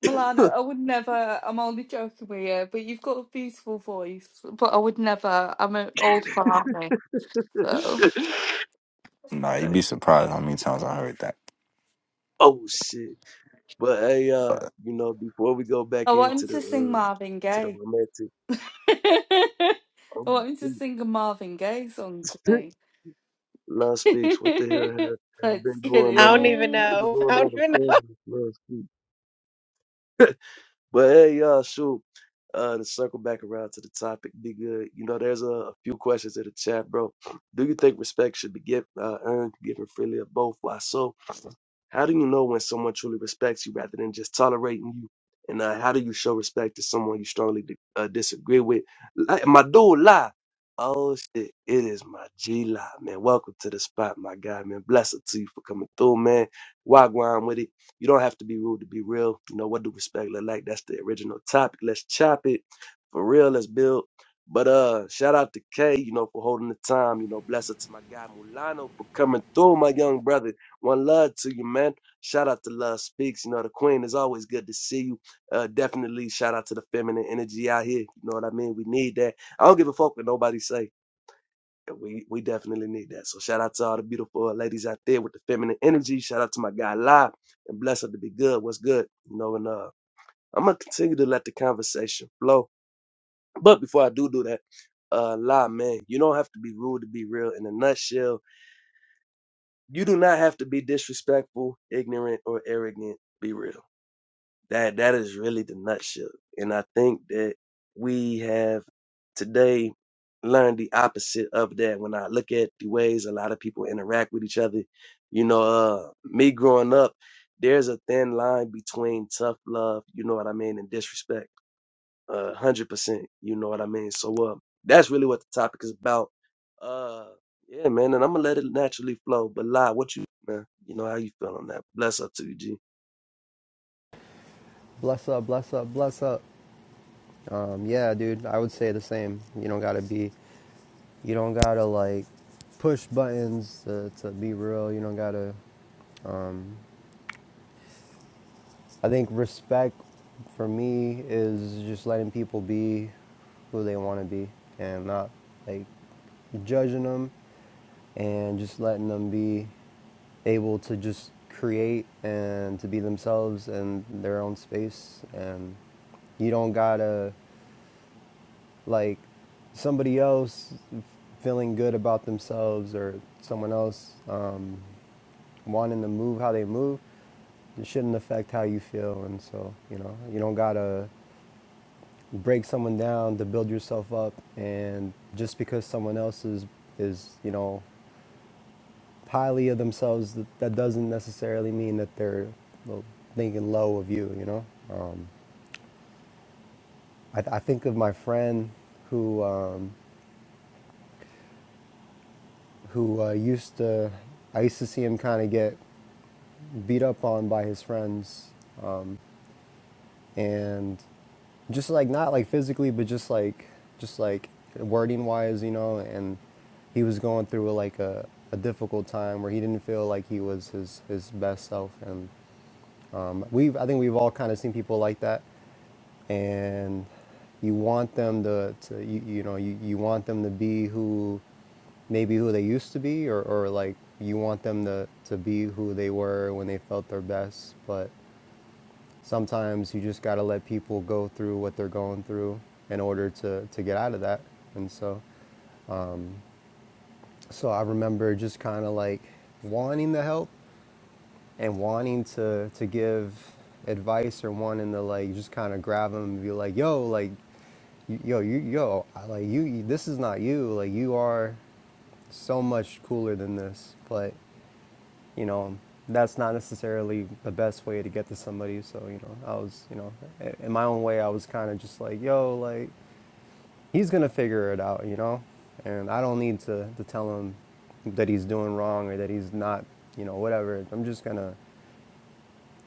Milano, I would never. I'm only joking with you, but you've got a beautiful voice. But I would never. I'm an old farmer, so
Hey,
Nah, you'd be surprised how many times I heard that.
oh shit. But hey, uh, you know, before we go
I
back
want
into
him
the
to sing
uh
Marvin
to the
Gaye.
romantic, oh
Want me to sing a Marvin Gaye song to
shit,
me?
love speaks. What the hell has, has
Let's
been
get
going
it
I
on?
don't even
What's
on.
been
know.
going
I don't
on?
even know.
The But hey, y'all, shoot. Uh, to circle back around to the topic, be good. You know, there's a, a few questions in the chat, bro. Do you think respect should be given, uh, earned, given freely, or both? Why so? How do you know when someone truly respects you rather than just tolerating you? And uh, how do you show respect to someone you strongly di- uh, disagree with? Like, my dude, lie. Oh shit, it is my G lie, man. Welcome to the spot, my guy, man. Bless it to you for coming through, man. Wagwan with it. You don't have to be rude to be real. You know what do respect look like? That's the original topic. Let's chop it for real. Let's build. But uh, shout out to K, you know, for holding the time. You know, bless it to my guy Mulano for coming through, my young brother. One love to you, man. Shout out to Love Speaks. You know, the Queen is always good to see you. Uh, definitely shout out to the feminine energy out here. You know what I mean? We need that. I don't give a fuck what nobody say. We we definitely need that. So shout out to all the beautiful uh, ladies out there with the feminine energy. Shout out to my guy Live and bless her to be good. What's good? You know, and uh I'm gonna continue to let the conversation flow. But before I do do that, uh, lie, man. You don't have to be rude to be real. In a nutshell, you do not have to be disrespectful, ignorant, or arrogant. Be real. That that is really the nutshell. And I think that we have today learned the opposite of that. When I look at the ways a lot of people interact with each other, you know, uh, me growing up, there's a thin line between tough love, you know what I mean, and disrespect uh, one hundred percent. You know what I mean? So uh that's really what the topic is about. Uh yeah, man, and I'm gonna let it naturally flow. But lie, what you man, you know how you feel on that. Bless up to you, G.
Bless up, bless up, bless up. Um, yeah, dude, I would say the same. You don't gotta be, you don't gotta like push buttons to, to be real. You don't gotta. I think respect for me is just letting people be who they want to be and not like judging them and just letting them be able to just create and to be themselves in their own space and you don't gotta like somebody else feeling good about themselves or someone else um, wanting to move how they move it shouldn't affect how you feel and so you know you don't gotta break someone down to build yourself up and just because someone else is is you know highly of themselves that, that doesn't necessarily mean that they're well, thinking low of you you know uh, I, I think of my friend who um, who uh, used to I used to see him kind of get beat up on by his friends and just like not like physically but just like just like wording wise you know and he was going through like a, a difficult time where he didn't feel like he was his his best self and we've i think we've all kind of seen people like that and you want them to, to you, you know you, you want them to be who maybe who they used to be or, or like you want them to, to be who they were when they felt their best but sometimes you just got to let people go through what they're going through in order to, to get out of that. And so, so I remember just kind of like wanting the help and wanting to, to give advice or wanting to like just kind of grab them and be like, yo, like, yo, you, yo, I- like you, this is not you. Like, you are so much cooler than this. But you know, that's not necessarily the best way to get to somebody. So, you know, I was, you know, in my own way, I was kind of just like, yo, like, he's going to figure it out, you know? And I don't need to, to tell him that he's doing wrong or that he's not, you know, whatever. I'm just going to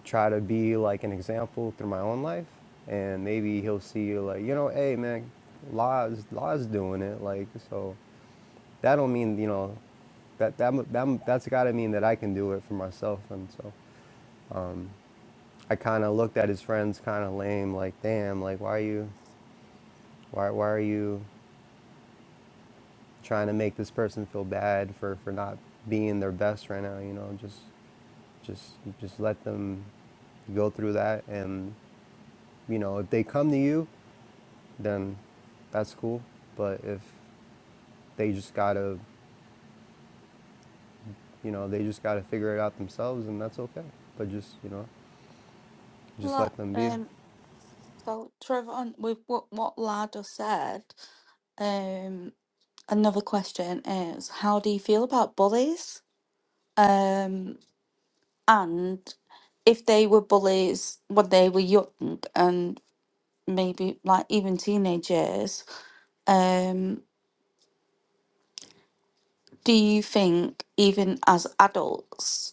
try to be like an example through my own life. And maybe he'll see, like, you know, hey, man, Law's, Law's doing it. Like, so that don't mean, you know, that, that, that, that's got to mean that I can do it for myself. And so I kind of looked at his friends kind of lame, like, damn, like, why are you, why, why are you trying to make this person feel bad for, for not being their best right now? You know, just, just, just let them go through that. And, you know, if they come to you, then that's cool. But if they just gotta, you know, they just gotta figure it out themselves and that's okay. But just, you know, just
Like,
let them be.
um, so Trevor, on with what what Lado said, um, another question is, how do you feel about bullies? Um, and if they were bullies when they were young and maybe like even teenage years, um, do you think even as adults?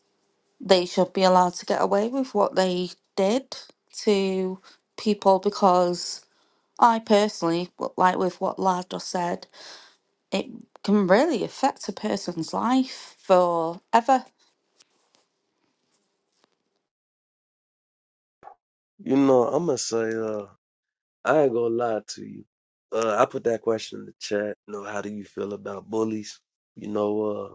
they should be allowed to get away with what they did to people because I personally, w- like with what Lad just said, it can really affect a person's life forever.
You know, I'm gonna say uh I ain't gonna lie to you. Uh I put that question in the chat, you know, how do you feel about bullies? You know, uh.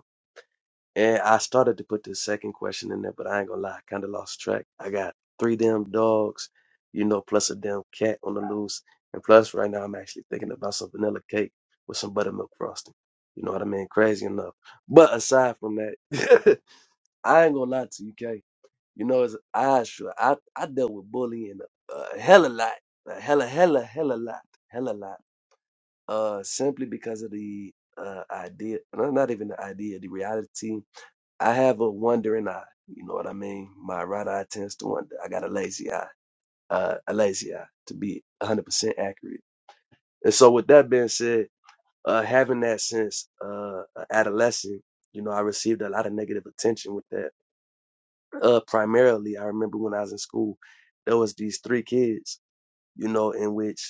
And I started to put the second question in there, but I ain't gonna lie, I kind of lost track. I got three damn dogs, you know, plus a damn cat on the loose, and plus right now I'm actually thinking about some vanilla cake with some buttermilk frosting. You know what I mean? Crazy enough. But aside from that, I ain't gonna lie to you, K. You know, as I sure I I dealt with bullying a, a hella lot, a hella hella hella lot, hella lot. Uh, simply because of the uh idea, no, not even the idea, the reality I have a wandering eye. You know what I mean? My right eye tends to wander. I got a lazy eye, uh, a lazy eye to be 100% accurate. And so, with that being said, uh, having that since uh, a adolescent, you know, I received a lot of negative attention with that. Uh, primarily, I remember when I was in school, there was these three kids, you know, in which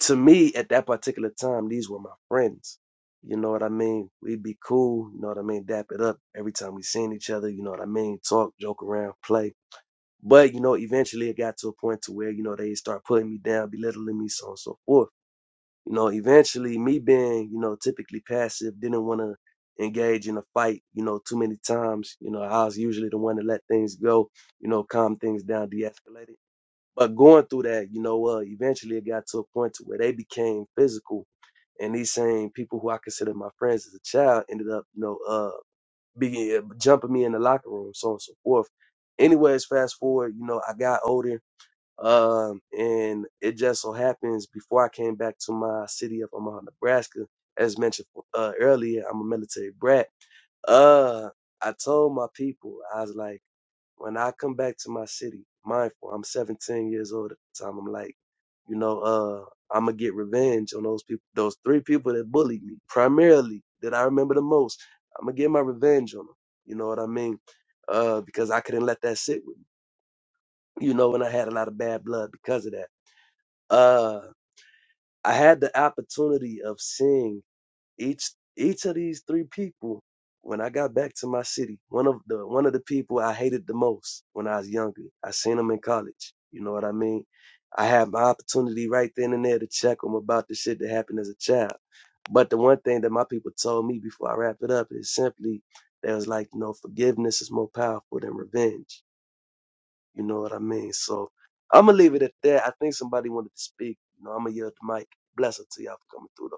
to me at that particular time, these were my friends. You know what I mean? We'd be cool, you know what I mean, dap it up every time we seen each other, you know what I mean, talk, joke around, play. But you know, eventually it got to a point to where, you know, they start putting me down, belittling me, so on and so forth. You know, eventually me being, you know, typically passive, didn't want to engage in a fight, you know, too many times. You know, I was usually the one to let things go, you know, calm things down, de escalate it but going through that, you know, uh, eventually it got to a point to where they became physical, and these same people who I considered my friends as a child ended up, you know, uh, being eh, jumping me in the locker room, so on and so forth. Anyways, fast forward, you know, I got older, um, and it just so happens before I came back to my city of Omaha, Nebraska, as mentioned uh, earlier, I'm a military brat. Uh, I told my people, I was like, when I come back to my city, mindful, I'm 17 years old at the time. I'm like, you know, uh, I'm gonna get revenge on those people, those three people that bullied me, primarily that I remember the most. I'm gonna get my revenge on them. You know what I mean? Uh, because I couldn't let that sit with me, you know, and I had a lot of bad blood because of that. Uh, I had the opportunity of seeing each each of these three people when i got back to my city one of the one of the people i hated the most when i was younger i seen him in college you know what i mean i had my opportunity right then and there to check him about the shit that happened as a child but the one thing that my people told me before i wrap it up is simply they was like you know forgiveness is more powerful than revenge you know what i mean so i'm gonna leave it at that i think somebody wanted to speak you know i'm gonna yell at the mic Bless blessing to y'all for coming through though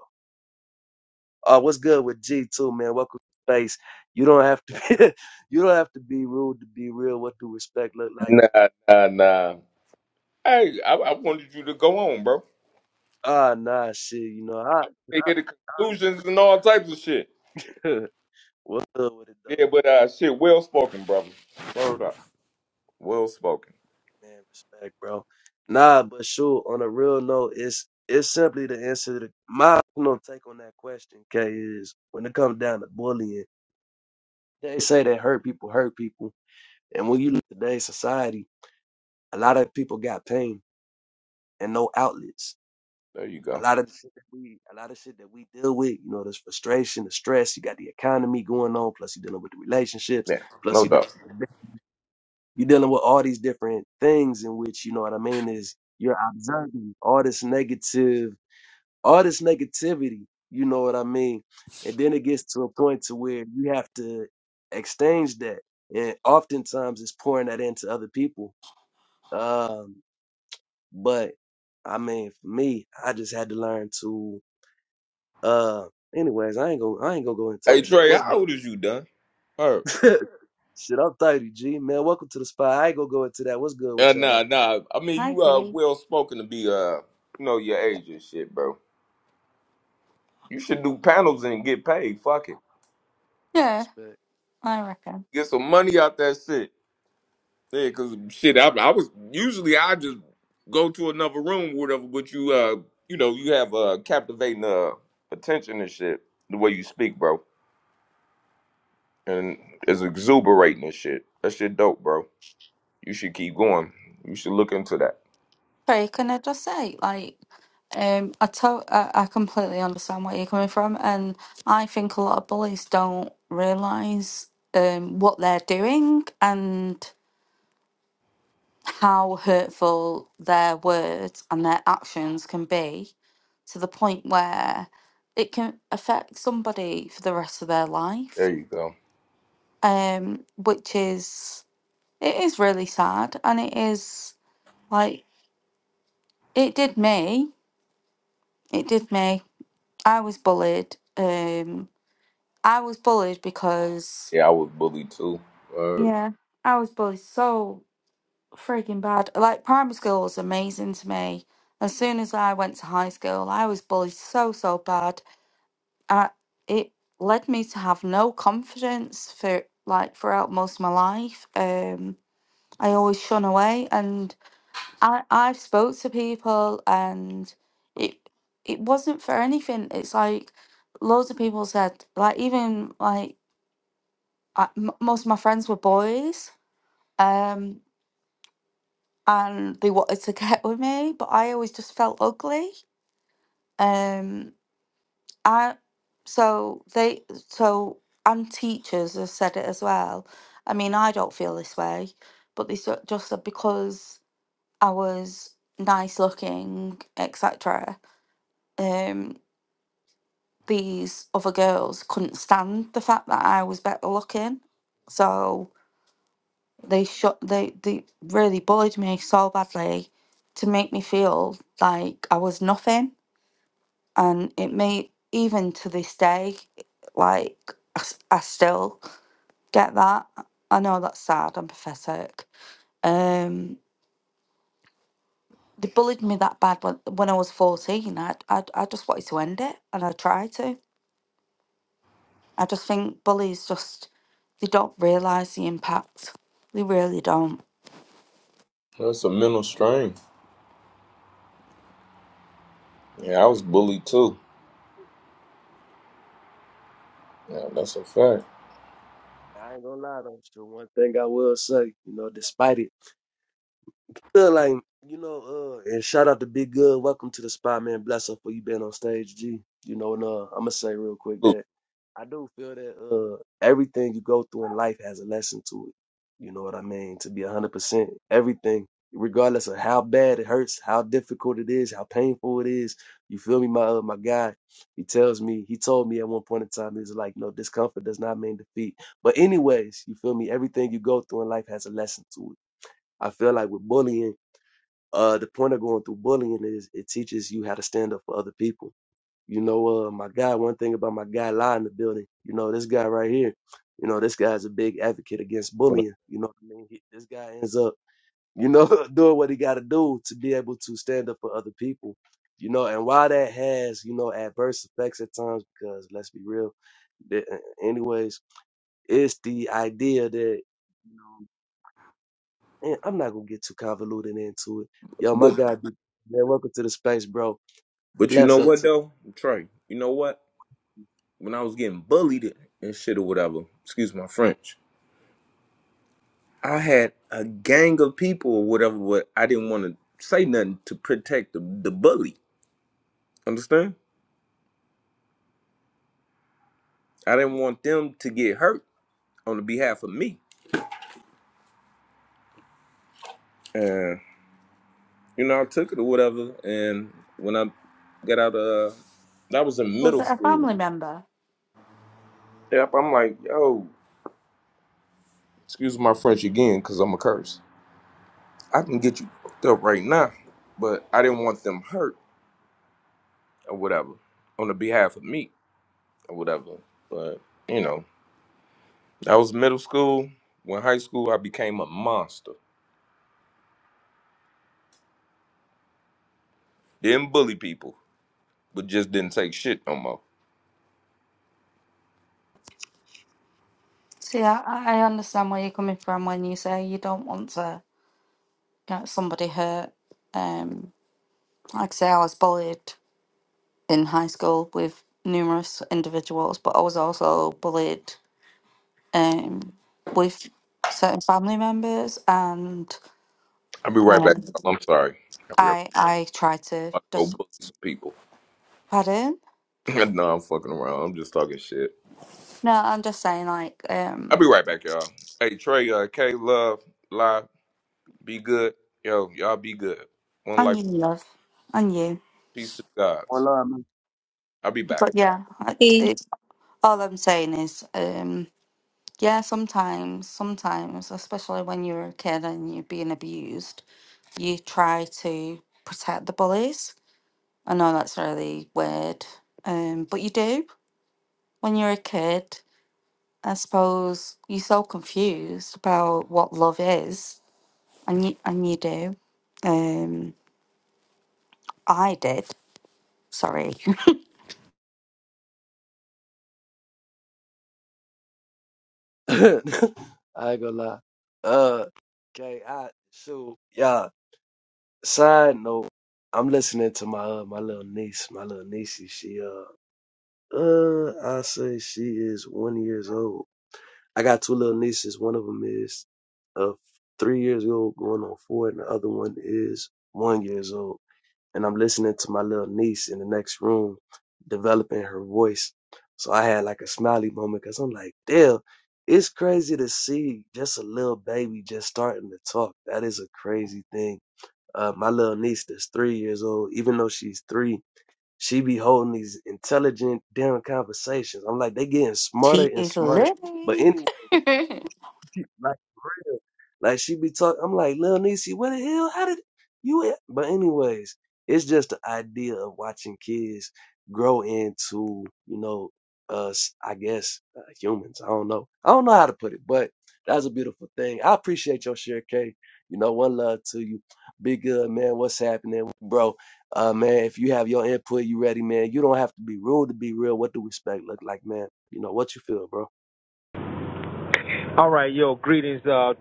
uh, what's good with G too, man? Welcome to space. You don't have to be, you don't have to be rude to be real. What do respect look like?
Nah, nah, nah. Hey, I, I wanted you to go on, bro.
Ah, nah, shit. You know, I
They get the conclusions and all types of shit.
what's good with it though,
Yeah, but uh, shit, well spoken, brother. Word up. Well spoken.
man? Respect, bro. Nah, but sure. On a real note, it's it's simply the answer. To, my you know, take on that question, K, is when it comes down to bullying, they say that hurt people hurt people, and when you look at today's society, a lot of people got pain and no outlets.
There you
a
go.
lot of the shit that we a lot of shit that we deal with, you know, this frustration, the stress, you got the economy going on, plus you're dealing with the relationships,
Yeah,
plus
no
you dealing
doubt.
with the- you're dealing with all these different things in which, you know what I mean, is you're observing all this negative, all this negativity, you know what I mean? And then it gets to a point to where you have to exchange that. And oftentimes it's pouring that into other people. Um, but I mean, for me, I just had to learn to Uh, anyways, I ain't gonna I ain't gonna go into
Hey,
that.
Trey,
What's
how old is you, done? Her.
good? shit? I'm thirty, G man. Welcome to the spot. I ain't gonna go into that. What's good with
Uh,
y'all
nah,
though?
nah. I mean,
I
you uh,
do.
well spoken to be uh, you know your age and shit, bro. You should do panels and get paid. Fuck it.
Yeah,
Respect.
I reckon.
Get some money out that shit. Yeah, cause shit, I, I was usually I just go to another room, whatever. But you, uh, you know, you have uh captivating uh attention and shit. The way you speak, bro, and it's exuberating and shit. That shit dope, bro. You should keep going. You should look into that.
Sorry, can I just say, like, um, I, to- I I completely understand where you're coming from, and I think a lot of bullies don't realise um what they're doing, and how hurtful their words and their actions can be to the point where it can affect somebody for the rest of their life
There you go.
um which is it is really sad and it is like it did me it did me i was bullied um i was bullied because
Yeah, I was bullied too. Uh,
yeah i was bullied so freaking bad. Like primary school was amazing to me. As soon as I went to high school, I was bullied so so bad. I, it led me to have no confidence for like throughout most of my life. Um, I always shun away, and I I spoke to people, and it it wasn't for anything. It's like loads of people said, like even like I m most of my friends were boys. Um. and they wanted to get with me, but I always just felt ugly. Um, I so they so and teachers have said it as well. I mean, I don't feel this way, but they sort- just said because I was nice looking, etc. Um, these other girls couldn't stand the fact that I was better looking, so they shut they they really bullied me so badly to make me feel like I was nothing and it may even to this day like I, s- I still get that i know that's sad i'm pathetic um they bullied me that bad when, when i was 14 I, I i just wanted to end it and i tried to i just think bullies just they don't realize the impact they really don't
that's a mental strain. Yeah, I was bullied too. Yeah, that's a fact.
I ain't gonna lie though. Shit, one thing I will say, you know, despite it. feel like you know, uh, and shout out to Big Good. Welcome to the spot, man. Bless up for you being on stage, G. You know, and uh, I'm gonna say real quick
Look,
that I do feel that uh, everything you go through in life has a lesson to it. You know what I mean? To be 100%, everything, regardless of how bad it hurts, how difficult it is, how painful it is. You feel me, my uh, my guy? He tells me, he told me at one point in time, he's like, no, discomfort does not mean defeat. But anyways, you feel me? Everything you go through in life has a lesson to it. I feel like with bullying uh, the point of going through bullying is it teaches you how to stand up for other people. You know, uh, my guy, one thing about my guy Lie in the building, you know, this guy right here, you know, this guy's a big advocate against bullying. You know what I mean? He, this guy ends up, you know, doing what he got to do to be able to stand up for other people, you know, and while that has, you know, adverse effects at times, because let's be real, the, anyways, it's the idea that, you know. And I'm not gonna get too convoluted into it. Yo, my
but
guy, be- man, welcome to the space, bro.
but you know
Bless us.
what
to-
though, Trey? You know what? when I was getting bullied and shit or whatever, excuse my French, I had a gang of people or whatever, but I didn't want to say nothing to protect the, the bully. Understand? I didn't want them to get hurt on the behalf of me. And, you know, I took it or whatever. And when I got out of, that was in
was
middle
it a
school.
family member
Yep, I'm like, yo, excuse my French again, because I'm a curse. I can get you fucked up right now, but I didn't want them hurt or whatever on the behalf of me. or whatever. But you know, that was middle school. When high school, I became a monster. Didn't bully people, but just didn't take shit no more.
see i i I understand where you're coming from when you say you don't want to get somebody hurt um like i say i was bullied in high school with numerous individuals, but I was also bullied um, with certain family members, and
I'll be right back.
um,
y'all. I'm sorry. I'm about
I I tried to
to go
just
bully some people.
pad in.
no, I'm fucking around. I'm just talking shit.
No, I'm just saying, like,
I'll
um,
be right back, y'all. Hey Trey, uh, K, love, lie, be good. Yo, y'all be good. One
I
life,
knew love, I knew,
peace to the
One
gods.
love, man.
I'll be back.
but yeah, I,
Peace.
it, all I'm saying is, um, yeah, sometimes, sometimes, especially when you're a kid and you're being abused, you try to protect the bullies I know that's really weird, um, but you do when you're a kid. I suppose you're so confused about what love is, and you and you do. Um, I did. Sorry,
I ain't gonna lie. Uh, okay, I so yeah. Side note, I'm listening to my uh, my little niece, my little niecey. She uh uh, I say she is one years old. I got two little nieces. One of them is uh three years old, going on four, and the other one is one years old. and I'm listening to my little niece in the next room developing her voice. So I had like a smiley moment because I'm like, damn, it's crazy to see just a little baby just starting to talk. That is a crazy thing. Uh, my little niece that's three years old, even though she's three, she be holding these intelligent damn conversations. I'm like, they getting smarter
she
and
is
smarter. But
living.
anyway. She- Like for real. Like she be talking. I'm like, Lil Niecy, what the hell? How did you? a-" But anyways, it's just the idea of watching kids grow into, you know, us. I guess uh, humans. I don't know. I don't know how to put it, but that's a beautiful thing. I appreciate your share, K. You know, one love to you. Be good, man. What's happening, bro? Uh, man, if you have your input, you ready, man. You don't have to be rude to be real. What do respect look like, man? You know what you feel, bro?
All right, yo, greetings uh,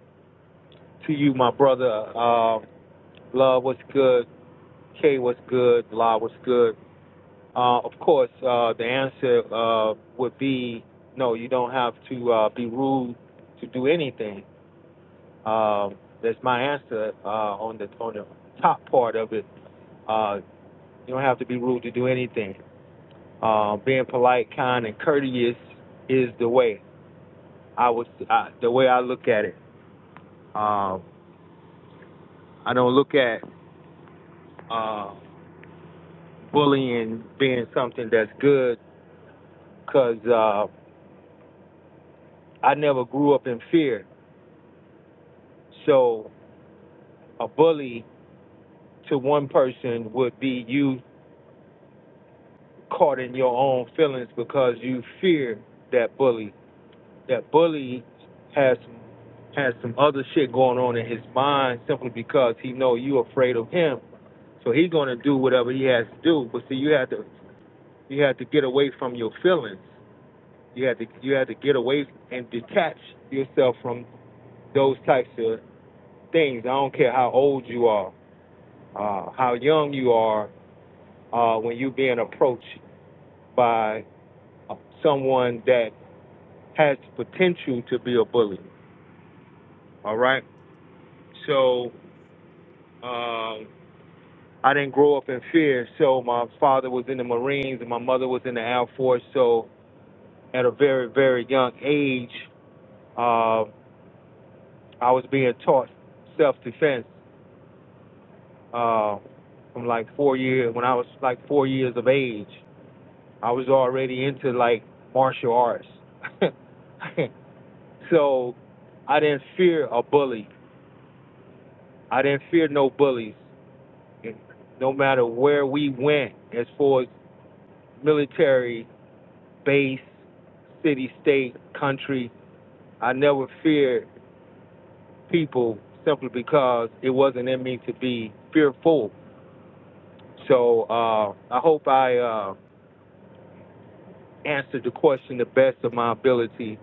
to you, my brother. Um, love, what's good? K, what's good? La, what's good? Uh, of course, uh, the answer uh, would be no, you don't have to uh, be rude to do anything. Um, that's my answer uh, on, the, on the top part of it. Uh, you don't have to be rude to do anything. Uh, being polite, kind, and courteous is the way. I was uh, the way I look at it. Um, I don't look at uh, bullying being something that's good because uh, I never grew up in fear. So a bully to one person would be you caught in your own feelings because you fear that bully. That bully has some has some other shit going on in his mind simply because he know you afraid of him. So he's gonna do whatever he has to do. But see you have to you have to get away from your feelings. You have to you have to get away and detach yourself from those types of things. I don't care how old you are, uh, how young you are, uh, when you're being approached by someone that has potential to be a bully. All right. So um, I didn't grow up in fear. So my father was in the Marines and my mother was in the Air Force. So at a very, very young age, uh, I was being taught self defense uh, from like four years, when I was like four years of age. I was already into like martial arts. so I didn't fear a bully. I didn't fear no bullies. No matter where we went, as far as military, base, city, state, country, I never feared people simply because it wasn't in me to be fearful. So uh, I hope I uh, answered the question the best of my ability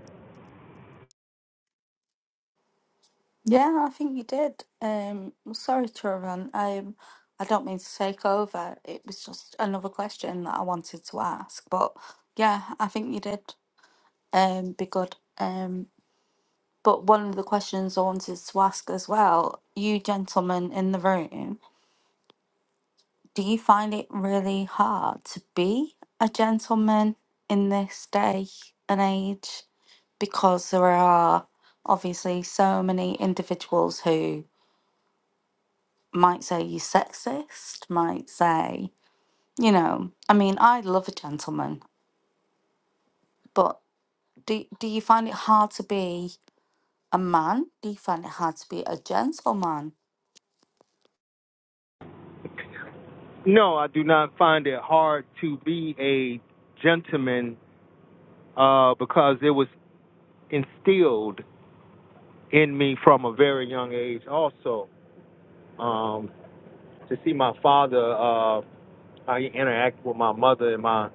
yeah, I think you did. Um, well, sorry, Turan. I um, I don't mean to take over. It was just another question that I wanted to ask, but yeah, I think you did. Um, be good. Um. But one of the questions I wanted to ask as well, you gentlemen in the room, do you find it really hard to be a gentleman in this day and age? Because there are obviously so many individuals who might say you're sexist, might say, you know, I mean, I love a gentleman, but do, do you find it hard to be a man? Do you find it hard to be a gentleman?
No, I do not find it hard to be a gentleman uh, because it was instilled in me from a very young age. Also, um, to see my father, uh, how he interacted with my mother and my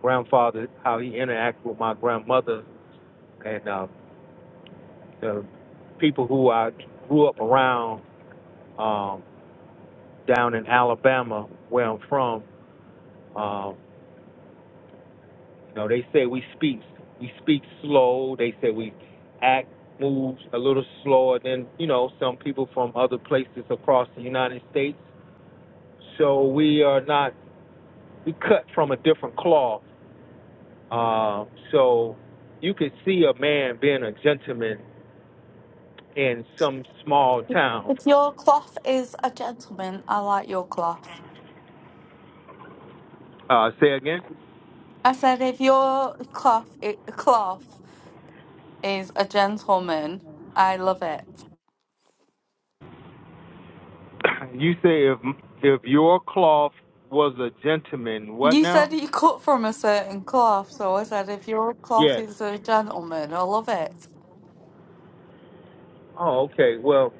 grandfather, how he interacted with my grandmother, and uh, the people who I grew up around um, down in Alabama, where I'm from. Um, You know, they say we speak we speak slow. They say we act moves a little slower than you know some people from other places across the United States. So we are not we cut from a different cloth. Uh, so you could see a man being a gentleman in some small town.
If your cloth is a gentleman, I like your cloth.
Uh, say again.
I said, if your cloth i cloth is a gentleman, I love it.
you say if if your cloth was a gentleman, what
You said
now?
you cut from a certain cloth, so I said, if your cloth
Yes.
is a gentleman, I love it.
Oh, okay. Well,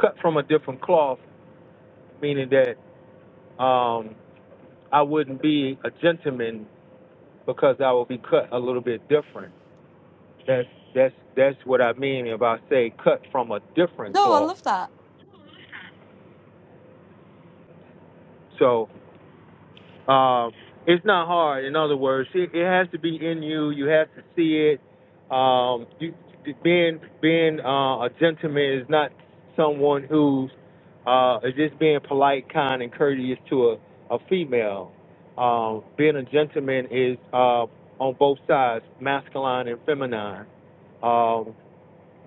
cut from a different cloth, meaning that um, I wouldn't be a gentleman because I would be cut a little bit different. That's that's that's what I mean if I say cut from a different
No, I
cloth.
love that.
So Um, it's not hard. In other words, it, it has to be in you. You have to see it. Um, you, being being uh, a gentleman is not someone who's uh, is just being polite, kind, and courteous to a, a female. Um, being a gentleman is uh, on both sides, masculine and feminine. Um,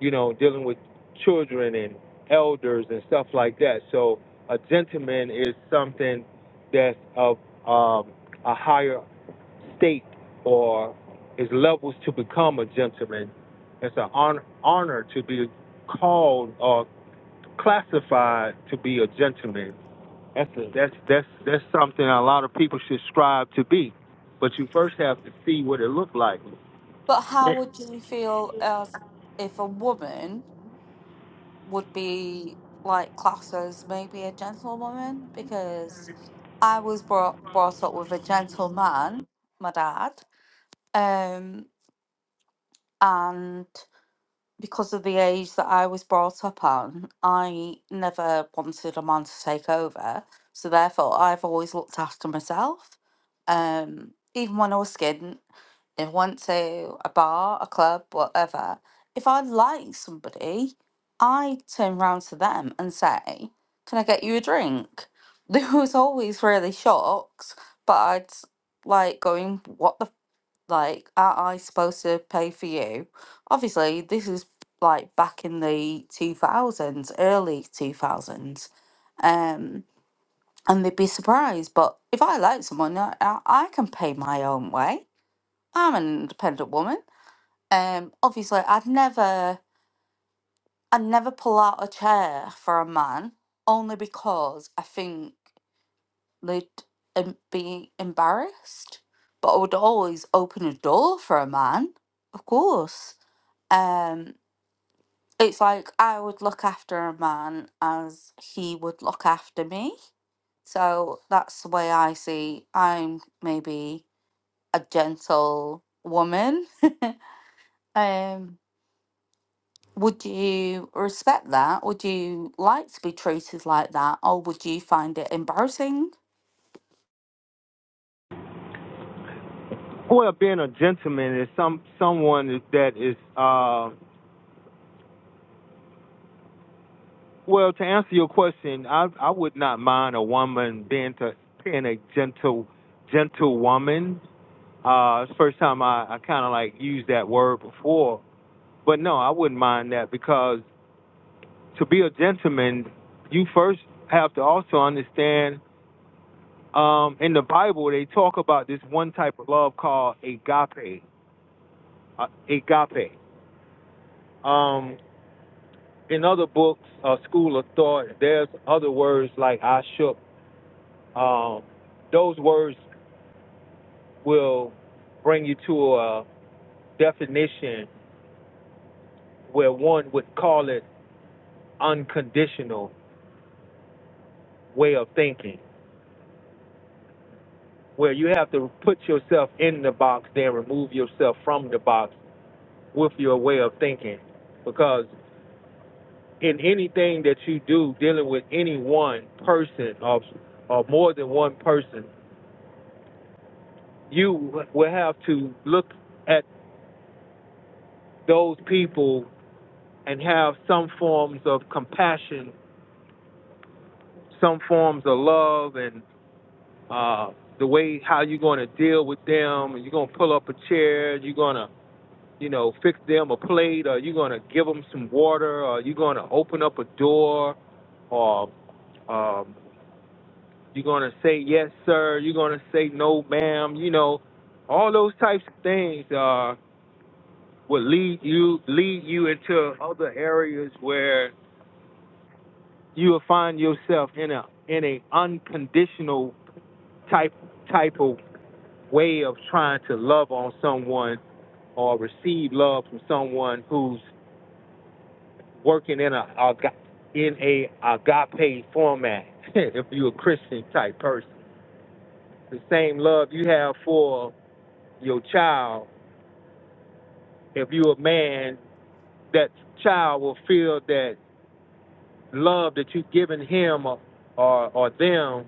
you know, dealing with children and elders and stuff like that. So a gentleman is something that's of um, a higher state or is levels to become a gentleman. It's an honor, honor to be called or classified to be a gentleman. That's a, that's that's that's something a lot of people should strive to be, but you first have to see what it looked like.
But how would you feel as if a woman would be like classed as maybe a gentlewoman? Because I was brought brought up with a gentleman, my dad. Um, and because of the age that I was brought up on, I never wanted a man to take over. So therefore, I've always looked after myself. Um, even when I was skint, if I went to a bar, a club, whatever, if I like somebody, I turn round to them and say, "Can I get you a drink?" They was always really shocked, but I'd like going, "What the." Like, are I supposed to pay for you? Obviously, this is like back in the 2000s, early 2000s. Um, and they'd be surprised. But if I like someone, I, I I can pay my own way. I'm an independent woman. Um, obviously, I'd never, I'd never pull out a chair for a man only because I think they'd em- be embarrassed. But I would always open a door for a man, of course. Um, it's like I would look after a man as he would look after me. So that's the way I see. I'm maybe a gentle woman. um, would you respect that? Would you like to be treated like that, or would you find it embarrassing?
Well, being a gentleman is some someone that is uh well to answer your question, I I would not mind a woman being to being a gentle gentle woman. Uh it's the first time I, I kinda like used that word before. But no, I wouldn't mind that because to be a gentleman you first have to also understand um in the Bible they talk about this one type of love called agape. Uh, agape. Um in other books, uh, School of Thought, there's other words like I shook. Um, those words will bring you to a definition where one would call it unconditional way of thinking, where you have to put yourself in the box, then remove yourself from the box with your way of thinking. Because in anything that you do dealing with any one person or, or more than one person, you will have to look at those people and have some forms of compassion, some forms of love, and uh, the way how you're going to deal with them. And you're going to pull up a chair. You're going to, you know, fix them a plate, or you're going to give them some water, or you're going to open up a door, or um, you're going to say yes, sir. You're going to say no, ma'am. You know, all those types of things uh, will lead you lead you into other areas where you will find yourself in a in a unconditional type type of way of trying to love on someone or receive love from someone who's working in a in a agape format. if you're a Christian type person, the same love you have for your child. If you're a man, that child will feel that love that you've given him or or, or them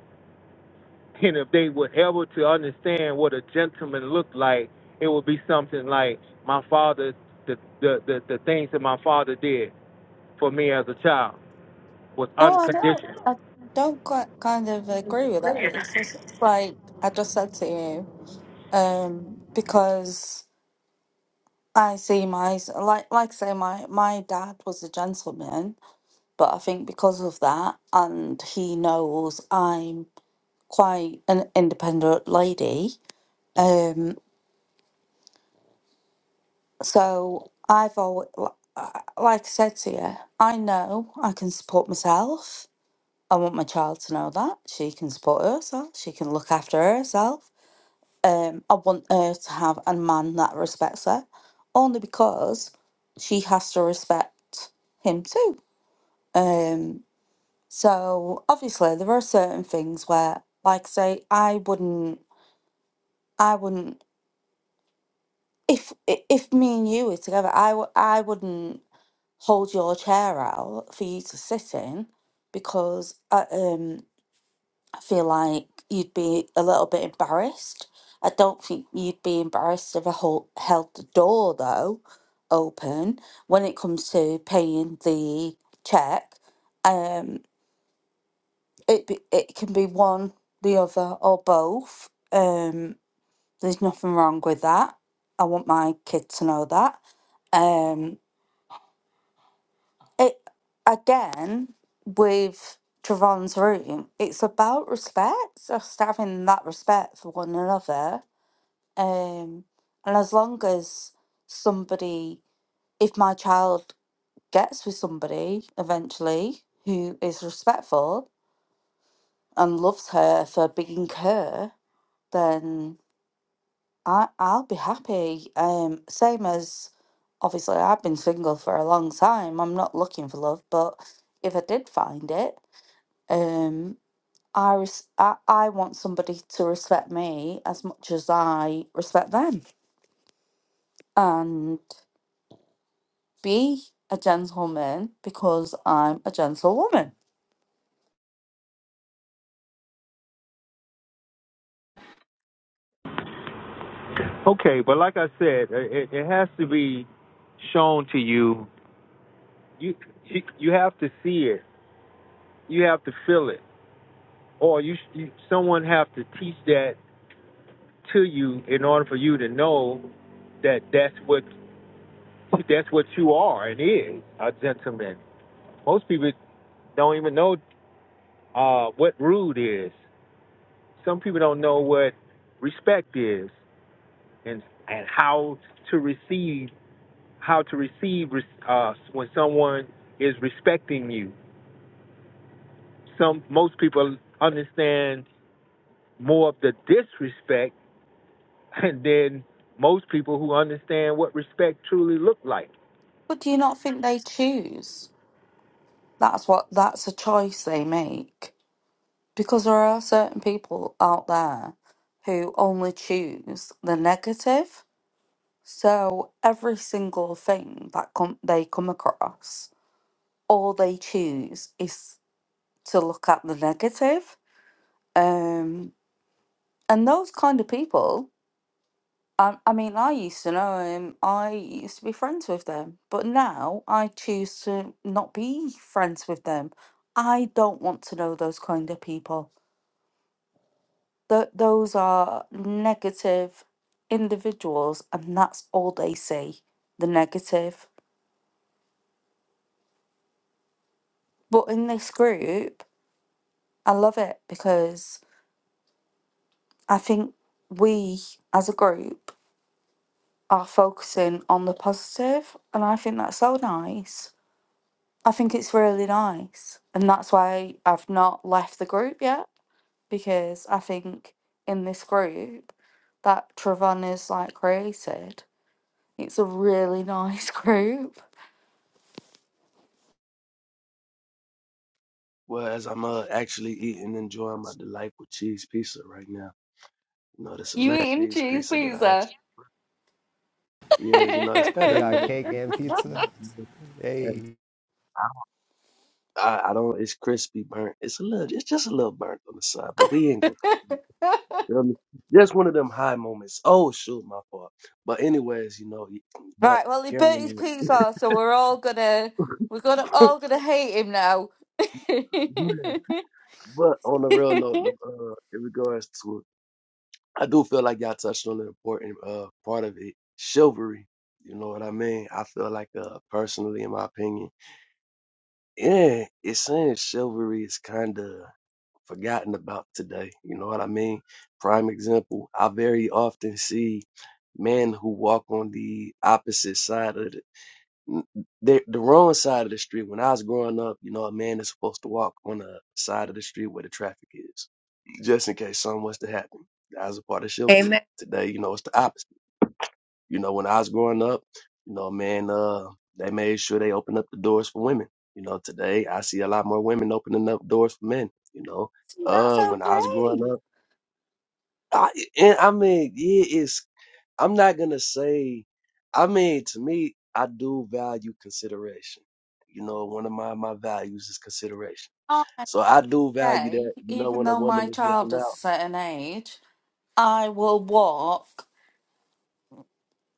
And if they were ever to understand what a gentleman looked like, it would be something like my father, the, the, the, the things that my father did for me as a child was
No, I don't.
unconditional.
I don't quite kind of agree with that. It's just like I just said to you, um, because. I see my like like I say my my dad was a gentleman, but I think because of that and he knows I'm quite an independent lady. Um so I've always like I said to you, I know I can support myself. I want my child to know that she can support herself, she can look after herself. Um I want her to have a man that respects her only because she has to respect him too Um, so obviously there are certain things where, like I say, I wouldn't, I wouldn't, if i- if me and you were together, I w- I wouldn't hold your chair out for you to sit in because I, um, I feel like you'd be a little bit embarrassed. I don't think you'd be embarrassed if I hold, held the door though open when it comes to paying the check. Um. it be, it can be one, the other, or both. Um, there's nothing wrong with that. I want my kid to know that. Um, it again with Travon's room. It's about respect, just having that respect for one another. Um, and as long as somebody, if my child gets with somebody eventually who is respectful and loves her for being her, then I I'll be happy. Um, same as obviously I've been single for a long time. I'm not looking for love, but if I did find it, um, I res- I, I want somebody to respect me as much as I respect them, and be a gentleman because I'm a gentlewoman.
Okay, but like I said, it, it has to be shown to you. You you you have to see it. You have to feel it, or you, you someone have to teach that to you in order for you to know that that's what that's what you are and is a gentleman. Most people don't even know uh, what rude is. Some people don't know what respect is and and how to receive how to receive uh, when someone is respecting you. Some most people understand more of the disrespect and then most people who understand what respect truly look like.
But do you not think they choose? That's what that's a choice they make. Because there are certain people out there who only choose the negative. So every single thing that com- they come across, all they choose is to look at the negative. Um, and those kind of people, I, I mean, I used to know him, I used to be friends with them, but now I choose to not be friends with them. I don't want to know those kind of people. Th- those are negative individuals, and that's all they see the negative. But in this group, I love it because I think we as a group are focusing on the positive, and I think that's so nice. I think it's really nice, and that's why I've not left the group yet because I think in this group that Trevon is like created, it's a really nice group.
Well, as I'm uh, actually eating, enjoying my delightful cheese pizza right now. You know, that's a
You
mac
eating
cheese
cheese
pizza that I
pizza?
actually, yeah, you know, it's kind
He
of
got
little,
cake and pizza.
right.
and
Hey.
I, I don't, it's crispy burnt. It's a little, it's just a little burnt on the side, but we ain't gonna complain. You know what I mean? Just one of them high moments. Oh, shoot, my fault. But anyways, you know, y- but
Well, he
carrying
burnt his
on.
pizza, so we're all gonna we're gonna all gonna hate him now. See,
yeah, But on the real note, the, uh, in regards to I do feel like y'all touched on an important uh, part of it, chivalry. You know what I mean? I feel like, uh, personally, in my opinion, yeah, it's saying chivalry is kind of forgotten about today. You know what I mean? Prime example, I very often see men who walk on the opposite side of the the, the wrong side of the street. When I was growing up, you know, a man is supposed to walk on the side of the street where the traffic is, just in case something was to happen. That was a part of
Amen.
chivalry. Today, you know, it's the opposite. You know, when I was growing up, you know, man, uh, they made sure they opened up the doors for women. You know, today I see a lot more women opening up doors for men. You know,
that's
uh, when I was growing
okay.
up, I, and I mean, yeah, it's I'm not gonna say. I mean, to me, I do value consideration. You know, one of my my values is consideration.
Like I
So I do value
say,
that. You know,
even
when a
though
woman
my
is
child
looking
is a
out.
certain age, I will walk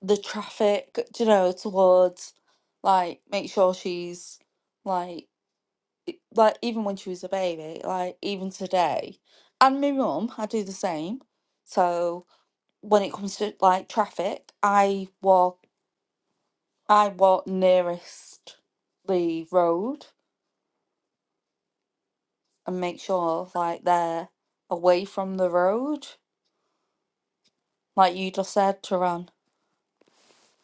the traffic. You know, towards like make sure she's like e, like even when she was a baby, like even today, and my mum, I do the same. So when it comes to like traffic, I walk, I walk nearest the road and make sure like they're away from the road, like you just said, to run.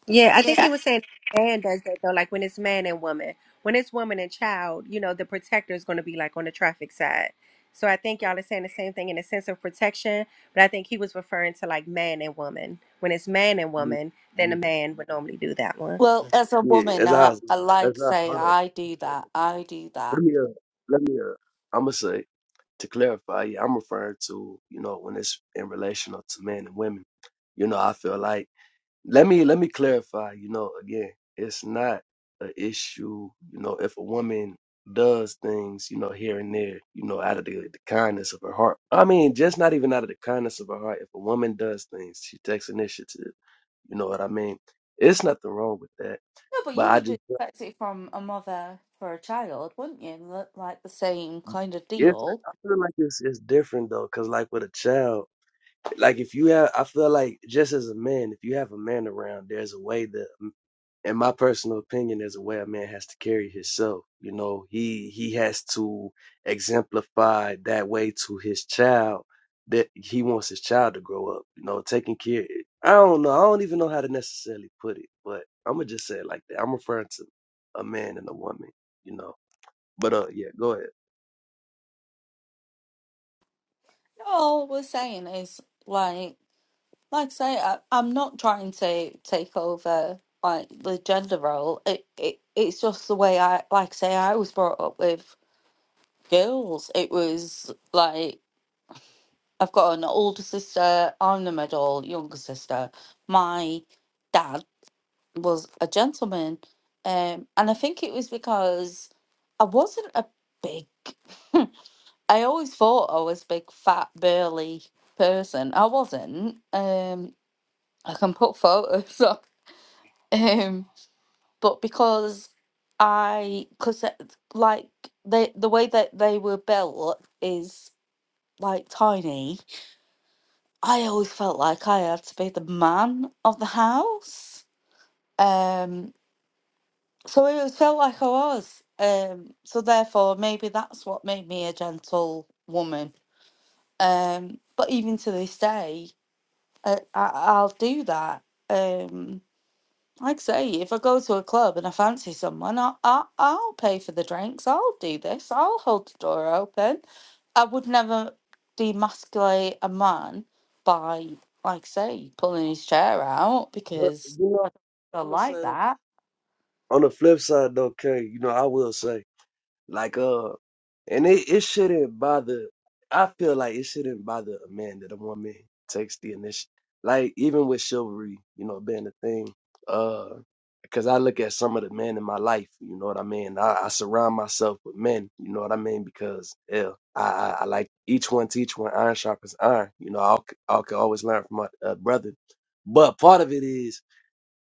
Yeah, I think he
Yeah.
was saying man does that though, like when it's man and woman. When it's woman and child, you know, the protector is going to be like on the traffic side. So I think
uh,
y'all are saying the same thing in a sense of protection, but I think he was referring to like man and woman. When it's man and
Yeah,
woman, then a
yeah,
man would normally do that one.
Well, as a
yeah,
woman,
as I
I,
was,
I
as
like
I
say
hold on a
I do that,
second.
I do that.
Let me uh, let me uh, I'm gonna say to clarify. Yeah, I'm referring to you know when it's in relational to men and women. You know, I feel like let me let me clarify you know again it's not an issue you know if a woman does things you know here and there you know out of the, the kindness of her heart i mean just not even out of the kindness of her heart if a woman does things she takes initiative you know what i mean it's nothing wrong with that
No, but
but
you
i
would
just feel- like
expect it from a mother for a child, wouldn't you? Li- Like the same kind of
it's
deal
i feel like it's, it's different though because like with a child like if you have i feel like just as a man if you have a man around there's a way that a in my personal opinion is a way a man has to carry himself. You know, he he has to exemplify that way to his child that he wants his child to grow up. You know, taking care. I don't know. I don't even know how to necessarily put it, but I'm gonna just say it like that. I'm referring to a man and a woman. You know, but uh, yeah, go ahead.
all we're saying is like like I say I, I'm not trying to take over like the gender role it, it it's just the way I like I say I was brought up with girls it was like I've got an older sister I'm the middle younger sister my dad was a gentleman um and I think it was because I wasn't a big I always thought I was a big fat burly person. I wasn't. Um, I can put photos up. Um, but because I, because like they, the way that they were built is like tiny. I always felt like I had to be the man of the house. Um, so I always felt like I was. Um, so therefore, maybe that's what made me a gentle woman. Um, but even to this day, I, I I'll do that. Um, like I say, if I go to a club and I fancy someone, I, I I'll pay for the drinks. I'll do this. I'll hold the door open. I would never demasculate a man by, like I say, pulling his chair out
But
because
you
I
know, I'm
don't
gonna say
like
though,
that.
on the flip side though, Kay, you know, I will say. Like uh and it, it shouldn't bother I feel like it shouldn't bother a man that a woman takes the initiative. Like even with chivalry, you know, being a thing, uh because I look at some of the men in my life, you know what I mean? I, I surround myself with men, you know what I mean? Because hell, I, I, I like each one teach one, iron sharpens iron. You know, i I can always learn from my uh, brother. But part of it is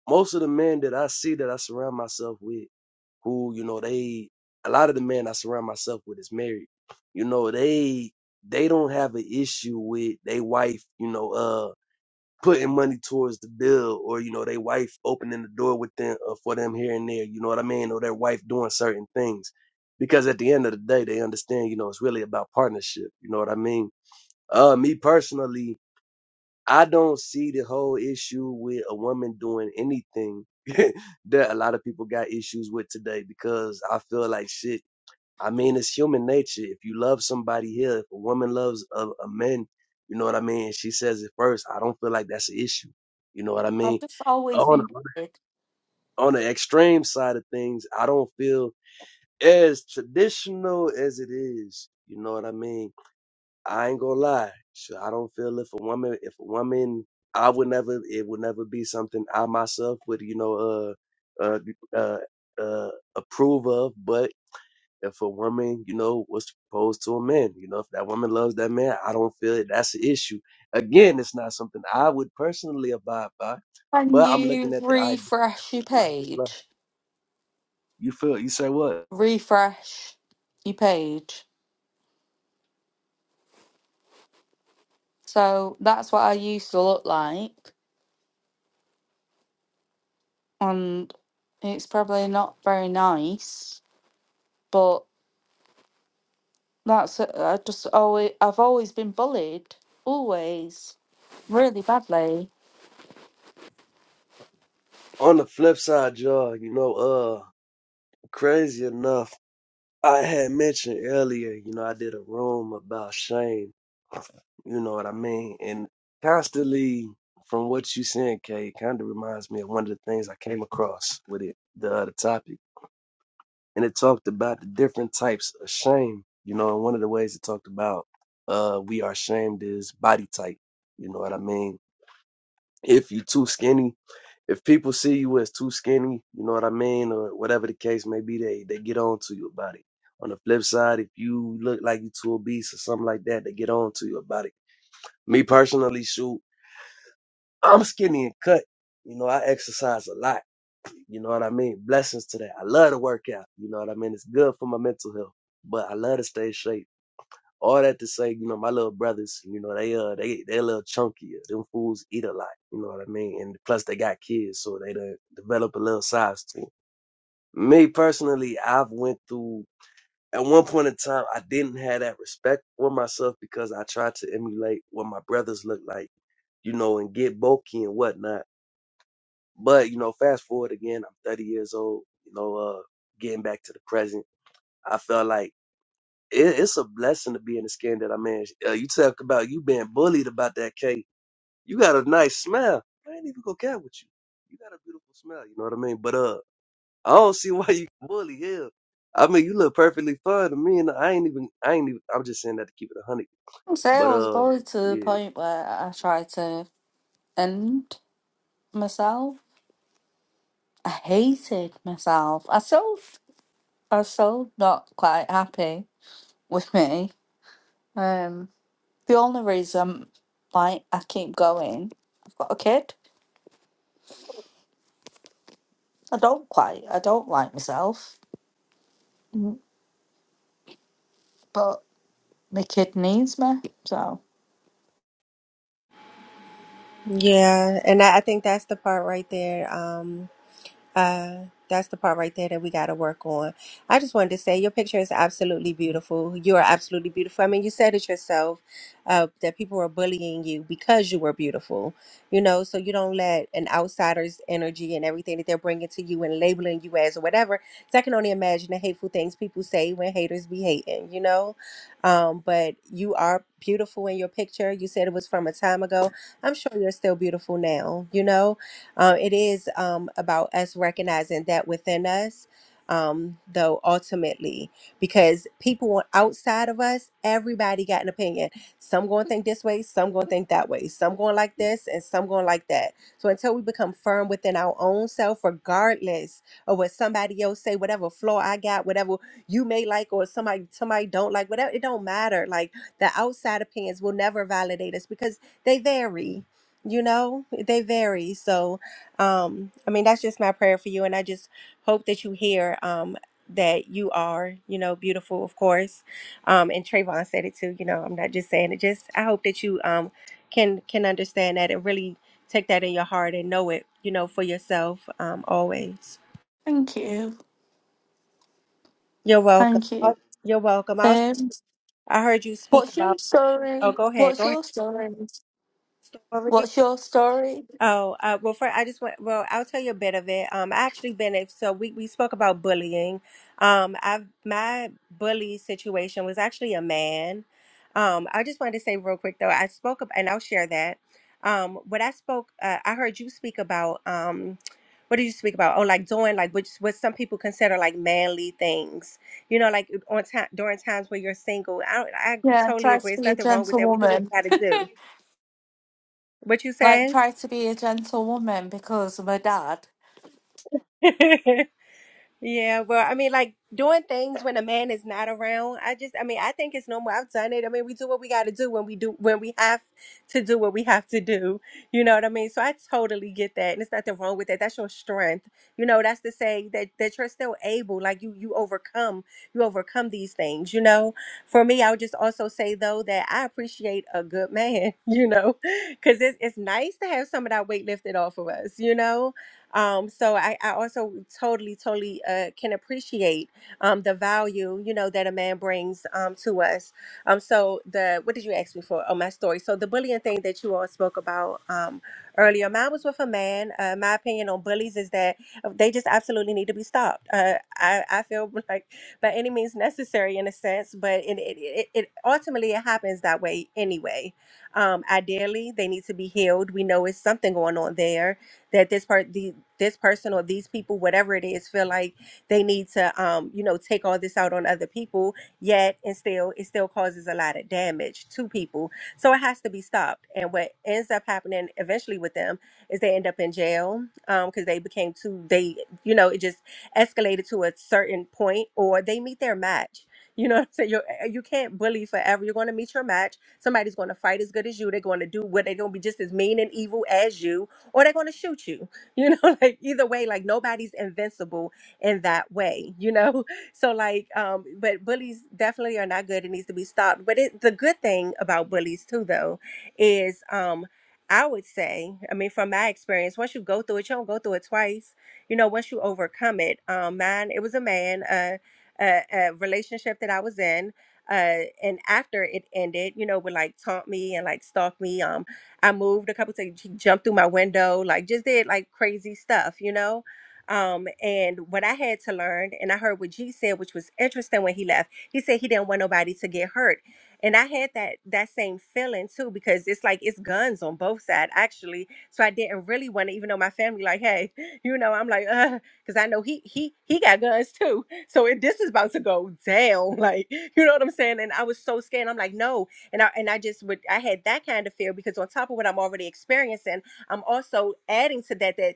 most of the men that I see that I surround myself with, who, you know, they a lot of the men I surround myself with is married. You know, they they don't have an issue with they wife, you know, uh putting money towards the bill or, you know, they wife opening the door with them uh, for them here and there, you know what I mean? Or their wife doing certain things. Because at the end of the day they understand, you know, it's really about partnership. You know what I mean? Uh me personally, I don't see the whole issue with a woman doing anything that a lot of people got issues with today because I feel like shit. I mean, it's human nature. If you love somebody here, if a woman loves a, a man, you know what I mean? She says it first. I don't feel like that's an issue. You know what I
I've
mean?
just always
On,
been
the,
bullied.
on the extreme side of things, I don't feel as traditional as it is. You know what I mean? I ain't gonna lie. So I don't feel if a woman, if a woman, I would never, it would never be something I myself would, you know, uh, uh, uh, uh approve of. But if a woman, you know, was to propose to a man, you know, if that woman loves that man, I don't feel it. That's an issue. Again, it's not something I would personally abide by,
Can
but I'm
you
looking at the idea.
refresh your page?
You feel? You say what?
Refresh your page. So that's what I used to look like and it's probably not very nice, but that's it. I just always I've always been bullied, always really badly.
On the flip side, y'all, you know, uh, crazy enough. I had mentioned earlier, you know, I did a room about shame, you know what I mean? And constantly, from what you saying, Kay, kind of reminds me of one of the things I came across with it, the other topic. And it talked about the different types of shame, you know, and one of the ways it talked about uh we are shamed is body type, you know what I mean? If you're too skinny, if people see you as too skinny, you know what I mean, or whatever the case may be, they they get on to you about it. On the flip side, if you look like you too obese or something like that, they get on to you about it. Me personally, shoot, I'm skinny and cut. You know, I exercise a lot. You know what I mean? Blessings to that. I love to work out. You know what I mean? It's good for my mental health. But I love to stay in shape. All that to say, you know, my little brothers, you know, they uh they they a little chunkier. Them fools eat a lot, you know what I mean? And plus they got kids, so they done develop a little size to 'em. Me personally, I've went through at one point in time I didn't have that respect for myself because I tried to emulate what my brothers look like, you know, and get bulky and whatnot. But, you know, fast forward again, I'm thirty years old, you know, uh getting back to the present. I felt like it, it's a blessing to be in the skin that I'm in. Uh, you talk about you being bullied about that cake. You got a nice smell. I ain't even gonna care with you. You got a beautiful smell. You know what I mean? But uh, I don't see why you bully hell. I mean, you look perfectly fine to me, and I ain't even. I ain't even. I'm just saying that to keep it a hundred.
I'd say I
But
was
uh,
bullied to the
yeah,
point where I tried to end myself. I hated myself. I still I'm still not quite happy with me. Um, the only reason like I keep going, I've got a kid. I don't quite. I don't like myself, Mm, but. The kid needs me. So
Yeah, and I, I think that's the part right there. Uh, that's the part right there that we got to work on. I just wanted to say your picture is absolutely beautiful. You are absolutely beautiful. I mean, you said it yourself uh, that people were bullying you because you were beautiful, you know, so you don't let an outsider's energy and everything that they're bringing to you and labeling you as or whatever. 'cause I can only imagine the hateful things people say when haters be hating, you know? Um, but you are beautiful in your picture. You said it was from a time ago. I'm sure you're still beautiful now, you know? Uh, it is um, about us recognizing that within us, um, though, ultimately, because people outside of us, everybody got an opinion. Some going to think this way, some going to think that way, some going like this, and some going like that. So until we become firm within our own self, regardless of what somebody else say, whatever flaw I got, whatever you may like, or somebody somebody don't like, whatever, it don't matter. Like the outside opinions will never validate us because they vary. You know, they vary. So um i mean that's just my prayer for you and i just hope that you hear um that you are you know beautiful of course um and Trayvon said it too you know i'm not just saying it just i hope that you um can can understand that and really take that in your heart and know it you know for yourself um always
thank you,
you're welcome
thank you.
Oh, you're welcome i, was,
Um,
I heard you speak
what's your
about
story?
oh go ahead
What's
go ahead
your story?
Story.
What's your story?
Oh, uh, well, for I just want, well, I'll tell you a bit of it. Um, I actually been a, so we, we spoke about bullying. Um, I've, my bully situation was actually a man. Um, I just wanted to say real quick though, I spoke up and I'll share that. Um, what I spoke, uh, I heard you speak about, um, what did you speak about? Oh, like doing like which what some people consider like manly things, you know, like on time during times where you're single. I, I
Yeah,
totally
try
agree.
to
It's
be a
nothing wrong with that. We do what
gentlewoman.
we got to do. What you
Like
say?
try to be a gentlewoman because of my dad.
Yeah, well, I mean, like doing things when a man is not around. I just, I mean, I think it's normal. I've done it. I mean, we do what we got to do when we do when we have to do what we have to do. You know what I mean? So I totally get that, and it's nothing wrong with that. That's your strength. You know, that's to say that that you're still able. Like you, you overcome. You overcome these things. You know. For me, I would just also say though that I appreciate a good man. You know, because it's it's nice to have some of that weight lifted off of us. You know um, so I, I also totally, totally uh, can appreciate um, the value, you know, that a man brings um, to us. Um, so the what did you ask me for? Oh, my story. So the bullying thing that you all spoke about um, earlier, mine was with a man. Uh, my opinion on bullies is that uh, they just absolutely need to be stopped. Uh, I, I feel like by any means necessary in a sense, but it, it, it, it ultimately it happens that way anyway. Um, ideally, they need to be healed. We know it's something going on there that this part the this person or these people whatever it is feel like they need to um you know take all this out on other people yet and still it still causes a lot of damage to people so it has to be stopped and what ends up happening eventually with them is they end up in jail um because they became too they you know it just escalated to a certain point or they meet their match you know what I'm saying? You're, eh, you can't bully forever. You're going to meet your match. Somebody's going to fight as good as you. They're going to do what they're going to be just as mean and evil as you or they're going to shoot you you know like either way like nobody's invincible in that way you know so like um but bullies definitely are not good it needs to be stopped but it the good thing about bullies too though is um I would say, I mean, from my experience, once you go through it, you don't go through it twice. You know, once you overcome it, um, mine, it was a man, uh, a, a relationship that I was in. Uh, and after it ended, you know, would like taunt me and like stalk me. Um, I moved a couple times. He jumped through my window, like just did like crazy stuff, you know. Um, and what I had to learn, and I heard what G said, which was interesting when he left. He said he didn't want nobody to get hurt, and I had that that same feeling too because it's like it's guns on both sides actually. So I didn't really want to, even though my family like, hey, you know, I'm like, uh, because I know he he he got guns too. So if this is about to go down, like you know what I'm saying. And I was so scared. I'm like, no, and I and I just would I had that kind of fear because on top of what I'm already experiencing, I'm also adding to that that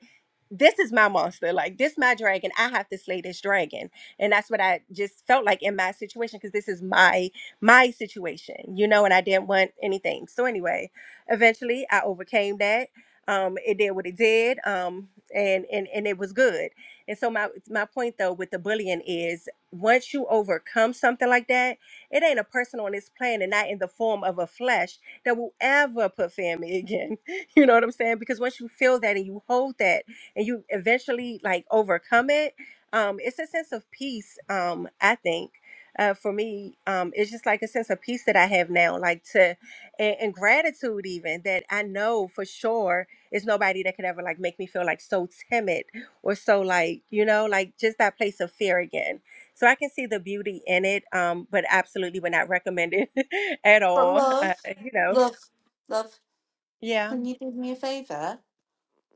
this is my monster, like this my dragon. I have to slay this dragon, and that's what I just felt like in my situation because this is my my situation, you know. And I didn't want anything. So anyway, eventually I overcame that. Um, it did what it did. Um, and and and it was good. And so my my point though with the bullying is once you overcome something like that it ain't a person on this planet, not in the form of a flesh, that will ever put fear me again. You know what I'm saying? Because once you feel that and you hold that and you eventually like overcome it, um, it's a sense of peace, um, I think. Uh, for me, um, it's just like a sense of peace that I have now, like to and, and gratitude even that I know for sure is nobody that could ever like make me feel like so timid or so like you know like just that place of fear again so I can see the beauty in it, um, but absolutely would not recommend it at
But
all.
love,
Uh, you know,
love, love.
yeah.
Can you do me a favour?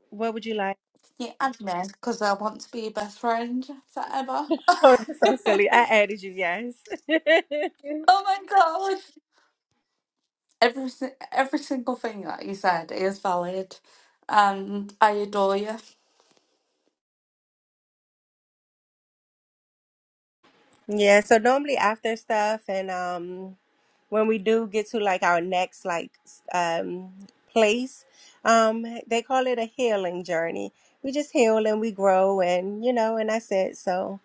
What would you like?
Can you add me? Because I want to be your best friend forever.
Oh, that's
oh
so silly. I added you, yes.
my god! Every si- every single thing that you said is valid, and I adore you.
yeah. So normally after stuff, and um, when we do get to like our next like s- um place, um, they call it a healing journey. We just heal and we grow, and you know, and that's it. So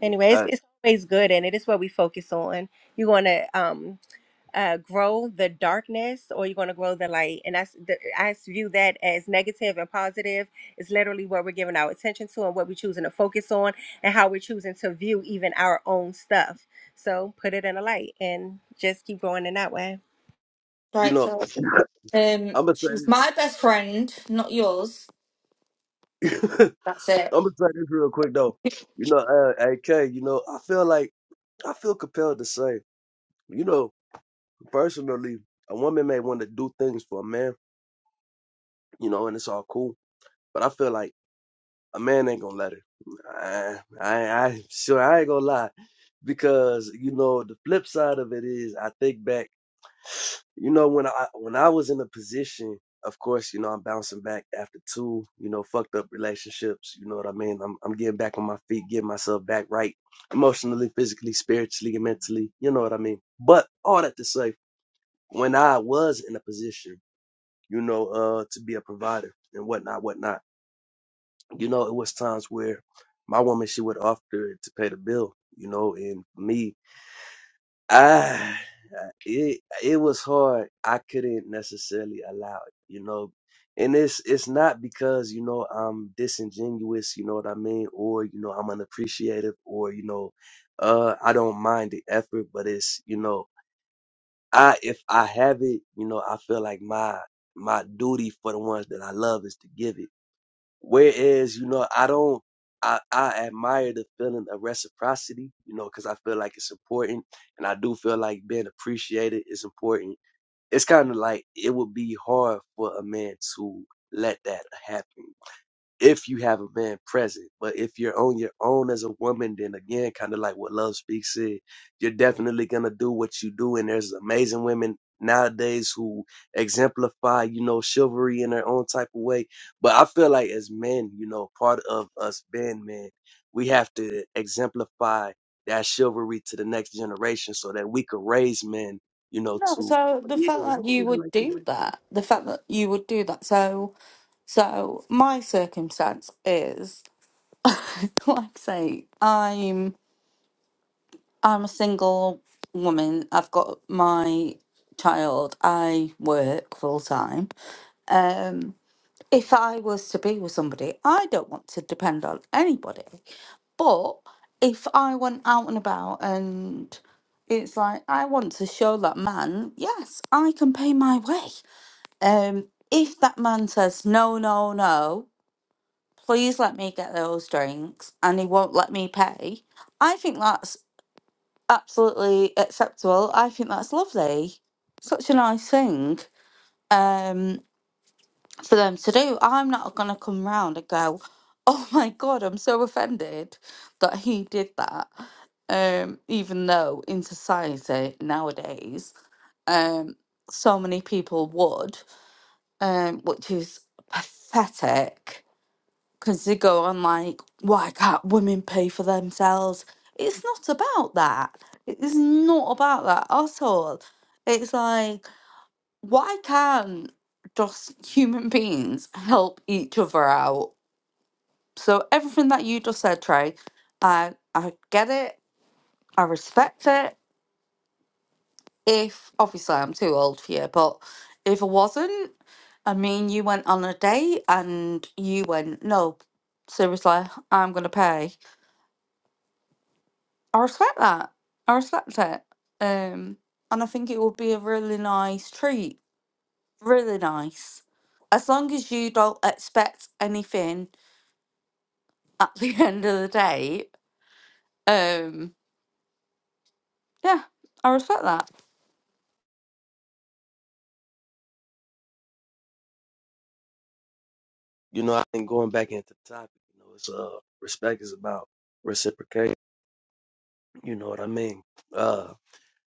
anyway, it's,
I.
it's always good, and it is what we focus on. You want to um uh, grow the darkness or you're going to grow the light. And that's the, I view that as negative and positive. It's literally what we're giving our attention to and what we're choosing to focus on and how we're choosing to view even our own stuff. So put it in a light and just keep going in that way.
You
Right,
know,
so um,
I'm gonna say
she's my best friend, not yours.
this.
That's it.
I'm gonna say this real quick though. You know, uh, AK. You know, I feel like I feel compelled to say. You know, personally, a woman may want to do things for a man, you know, and it's all cool. But I feel like a man ain't gonna let her. I, I, I sure I ain't gonna lie, because you know the flip side of it is I think back. You know when I when I was in a position, of course, you know I'm bouncing back after two, you know, fucked up relationships. You know what I mean? I'm I'm getting back on my feet, getting myself back right, emotionally, physically, spiritually, and mentally. You know what I mean? But all that to say, when I was in a position you know, uh, to be a provider and whatnot, whatnot. You know, it was times where my woman she would offer to pay the bill, you know, and me, I it it was hard. I couldn't necessarily allow it, you know. And it's it's not because, you know, I'm disingenuous, you know what I mean, or, you know, I'm unappreciative or, you know, uh I don't mind the effort, but it's, you know, I if I have it, you know, I feel like my my duty for the ones that I love is to give it Whereas, you know, I don't, I, I admire the feeling of reciprocity, you know, because I feel like it's important. And I do feel like being appreciated is important. It's kind of like it would be hard for a man to let that happen if you have a man present. But if you're on your own as a woman, then again, kind of like what Love Speaks said, you're definitely gonna do what you do. And there's amazing women nowadays who exemplify, you know, chivalry in their own type of way. But I feel like as men, you know, part of us being men, we have to exemplify that chivalry to the next generation so that we could raise men, you know,
No,
to.
so
"Oh,
the
Yeah,
fact that
I'm gonna
you
leave it
would
like that.
do that, the fact that you would do that, so so my circumstance is, like I say, I'm I'm a single woman. I've got my child. I work full time. Um. if I was to be with somebody, I don't want to depend on anybody. But if I went out and about and it's like I want to show that man, yes, I can pay my way. Um, if that man says no, no, no, please let me get those drinks, and he won't let me pay, I think that's absolutely acceptable. I think that's lovely. Such a nice thing. Um, for them to do. I'm not going to come round and go, oh my God, I'm so offended that he did that. Um, even though in society nowadays, um, so many people would, um, which is pathetic because they go on like, why can't women pay for themselves? It's not about that. It is not about that at all. It's like, why can't just human beings help each other out? So everything that you just said, Trey, I I get it, I respect it. If obviously I'm too old for you, but if I wasn't, I mean, you went on a date and you went, no, seriously, I'm gonna pay. I respect that. I respect it. Um, and I think it would be a really nice treat. Really nice as long as you don't expect anything at the end of the day, um, yeah, I respect that.
You know, I think going back into the topic, you know, it's uh respect is about reciprocation. You know what I mean? Uh,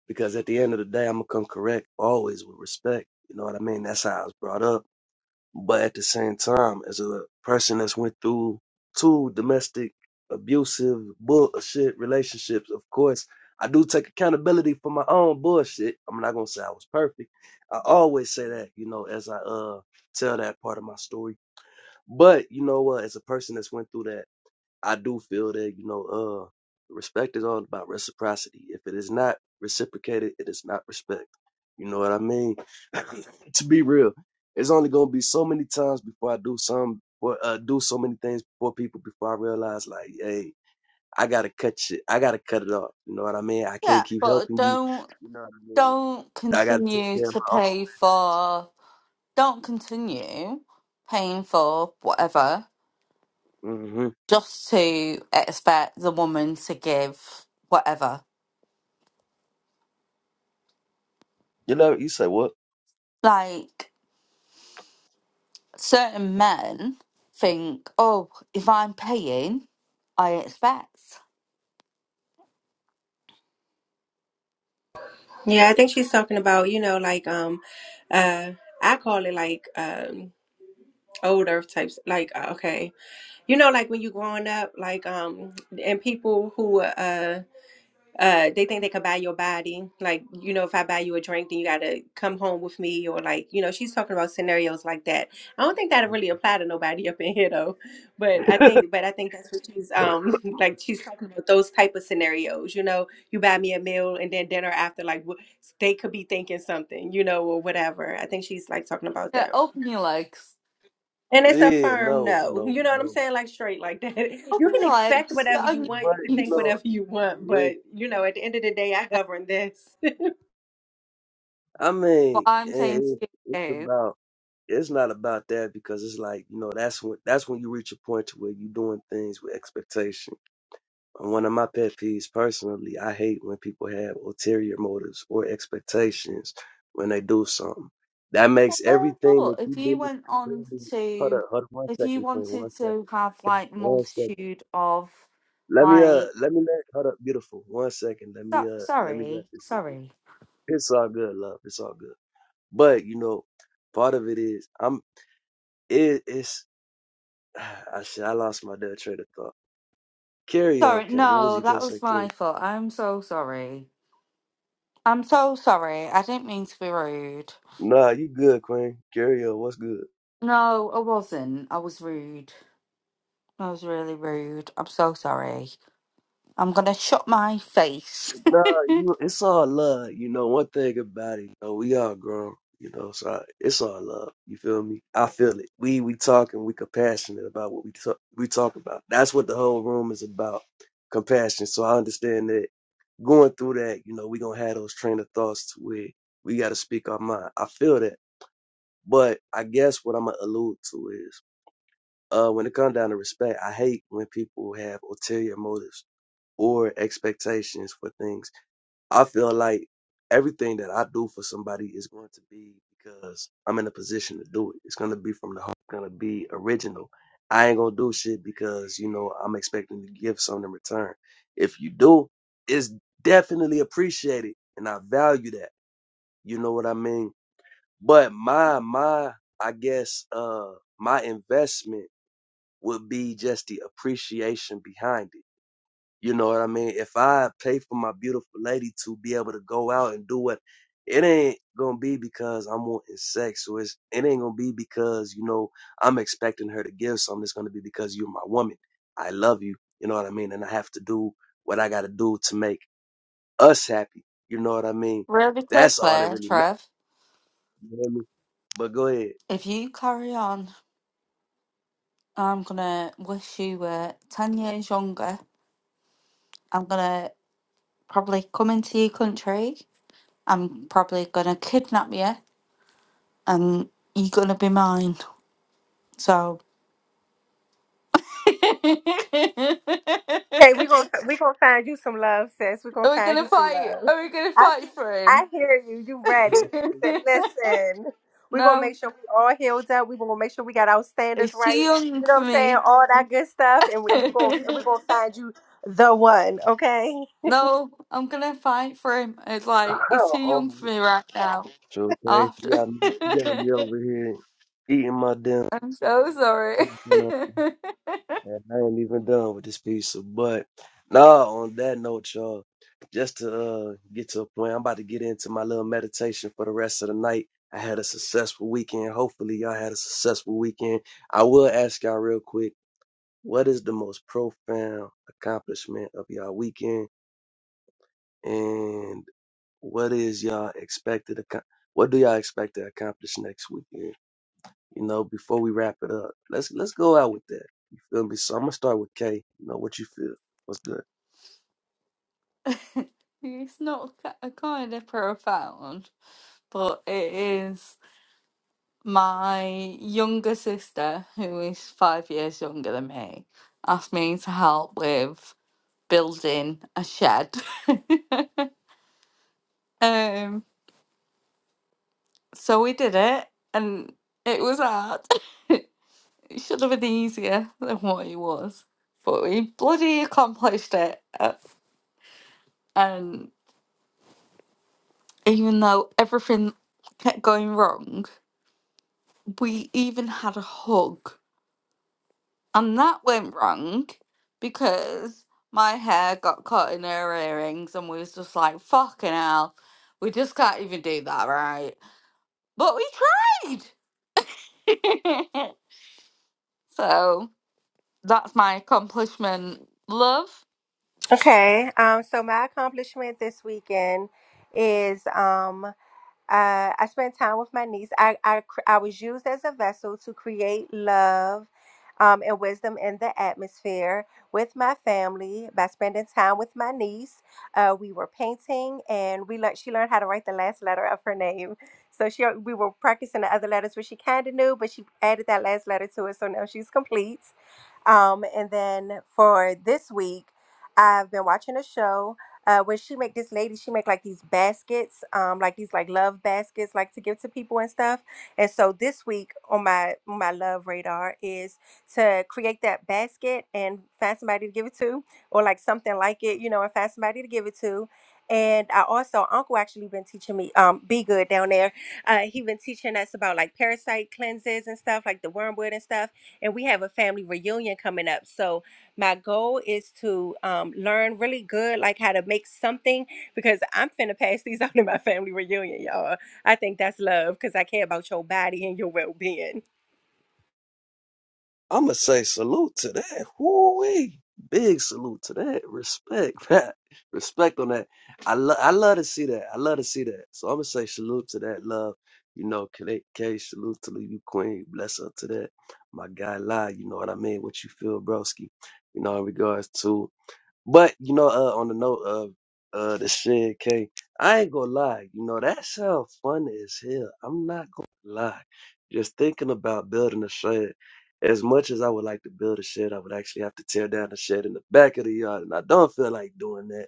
because at the end of the day, I'm gonna come correct always with respect. You know what I mean? That's how I was brought up. But at the same time, as a person that's went through two domestic abusive bullshit relationships, of course, I do take accountability for my own bullshit. I'm not gonna say I was perfect. I always say that, you know, as I uh tell that part of my story but you know what? As a person that's went through that, I do feel that you know, uh, respect is all about reciprocity. If it is not reciprocated, it is not respect. You know what I mean? to be real, it's only gonna be so many times before I do some or uh, do so many things before people before I realize like, hey, I gotta cut shit. I gotta cut it off. You know what I mean? I
Yeah,
can't keep
but
helping you.
don't
You know what I mean?
don't
I gotta take
continue
care of
to
my
pay for don't continue paying for whatever
own. hmm
just to expect the woman to give whatever.
You know, you say what?
Like certain men think, oh, if I'm paying, I expect.
Yeah, I think she's talking about, you know, like um uh I call it like um old earth types like uh, okay. You know like when you growing up like um and people who uh uh they think they could buy your body like you know if i buy you a drink then you gotta come home with me or like you know she's talking about scenarios like that i don't think that really apply to nobody up in here though but i think but i think that's what she's um like she's talking about those type of scenarios you know you buy me a meal and then dinner after like wh- they could be thinking something you know or whatever i think she's like talking about
Yeah,
that
open your legs.
and it's a
Yeah,
firm
no,
no. You
no,
know what I'm
no.
saying? Like straight like that. You
Open
can
your
expect
legs.
whatever
Get
you
on your
want.
But
You can
you
think
knees.
know.
whatever you want, but
It-
you know, at the end of the day, I govern this.
I
What
mean,
I'm
it,
saying
it-
to
it's
you
about it's not about that because it's like you know that's when that's when you reach a point to where you're doing things with expectation. And One of my pet peeves personally, I hate when people have ulterior motives or expectations when they do something. That
But
makes everything
therefore,
that
if
you
you
did
went on
completely. Hold
to,
up, hold up, one
if you
second, Queen,
wanted
one
to
second,
have like
one second.
multitude of,
Let me uh,
like,
let me let hold up, beautiful, one second. Let
so,
me uh, let me wrap
sorry,
this. with you.
sorry,
It's all good, love. It's all good. But you know, part of it is I'm it, it's I shit, I lost my dead train of thought. Carry on,
sorry,
okay. What was
no,
you gonna
that
say,
was
Queen?
my fault. I'm so sorry. I'm so sorry. I didn't mean to be rude.
Nah, you good, Queen. Carry on. What's good?
No, I wasn't. I was rude. I was really rude. I'm so sorry. I'm gonna shut my face
No, you, it's all love. You know, one thing about it, you know, we all grown. You know, so I- it's all love. You feel me? I feel it. We we talking. We compassionate about what we talk. We talk about. That's what the whole room is about. Compassion. So I understand that going through that, you know, we gonna have those train of thoughts to where we gotta speak our mind. I feel that, but I guess what I'm gonna allude to is, uh, when it comes down to respect, I hate when people have ulterior motives or expectations for things I feel like everything that I do for somebody is going to be because I'm in a position to do it. It's going to be from the heart. It's going to be original. I ain't going to do shit because, you know, I'm expecting to give something in return. If you do, it's definitely appreciated and I value that. You know what I mean? But my, my, I guess, uh, my investment would be just the appreciation behind it you know what I mean? If I pay for my beautiful lady to be able to go out and do what, it ain't gonna be because I'm wanting sex, or it's, it ain't gonna be because you know I'm expecting her to give something. It's gonna be because you're my woman. I love you. You know what I mean? And I have to do what I gotta do to make us happy. You know what I mean?
really
That's all that
quickly,
really matters.
Trev.
You know what I mean? But go ahead.
If you carry on, I'm gonna wish you were ten years younger I'm gonna probably come into your country. I'm probably gonna kidnap you, and you're gonna be mine. So, are
Hey, we're gonna we gonna find you some love, sis. We're gonna
we
find
gonna
you some
fight?
love.
Are we gonna
I see,
fight for
I
him?
hear you. You ready? You said, listen, we're gonna
no,
make sure we all healed up. We're gonna make sure we got our standards
he's too
right.
young
You know
for
what I'm saying?
me.
All that good stuff, and we, we're gonna we're gonna find you the one. Okay?
no, I'm gonna fight for him. It's like he's too
Oh,
young for me right now.
so
I
okay,
have
you
to.
got me, you got me over here eating my damn.
I'm so sorry.
Yeah, I ain't even done with this piece, but no. On that note, y'all, just to uh, get to a point, I'm about to get into my little meditation for the rest of the night. I had a successful weekend. Hopefully, y'all had a successful weekend. I will ask y'all real quick, what is the most profound accomplishment of y'all weekend, and what is y'all expected? acco- What do y'all expect to accomplish next weekend? You know, before we wrap it up, let's let's go out with that. You feel me? So I'm gonna start with K. You know what you feel? What's good?
It's not a kind of profound, but it is my younger sister, who is five years younger than me, asked me to help with building a shed. um, so we did it, and it was hard. it should have been easier than what it was, but we bloody accomplished it. uh, And even though everything kept going wrong, we even had a hug, and that went wrong because my hair got caught in her earrings, and we was just like, "Fucking hell, we just can't even do that, right?" But we tried. so that's my accomplishment, love.
Okay. Um, so my accomplishment this weekend is um, uh, I spent time with my niece. I, I cr- I was used as a vessel to create love um, and wisdom in the atmosphere with my family by spending time with my niece. Uh, we were painting, and we learned she learned how to write the last letter of her name. So she we were practicing the other letters, which she kind of knew, but she added that last letter to it. So now she's complete. Um, and then for this week, I've been watching a show. Uh, when she make this lady, she make like these baskets, um, like these like love baskets, like to give to people and stuff. And so this week on my on my love radar is to create that basket and find somebody to give it to, or like something like it, you know, and find somebody to give it to. And I also uncle actually been teaching me um be good down there. Uh, he been teaching us about like parasite cleanses and stuff, like the wormwood and stuff and we have a family reunion coming up. So my goal is to um, learn really good, like how to make something, because I'm finna pass these on to my family reunion, y'all. I think that's love, because I care about your body and your well-being.
I'm gonna say salute to that. Woo Big salute to that. Respect, man. Respect on that. I love I love to see that. I love to see that. So I'm gonna say salute to that love. You know, K, K salute to you, Queen. Bless up to that. My guy, lie. You know what I mean? What you feel, broski? You know, in regards to But you know, uh, on the note of uh the shit, K, I ain't gonna lie. You know, that sound funny as hell. I'm not gonna lie. Just thinking about building a shed. As much as I would like to build a shed, I would actually have to tear down the shed in the back of the yard, and I don't feel like doing that.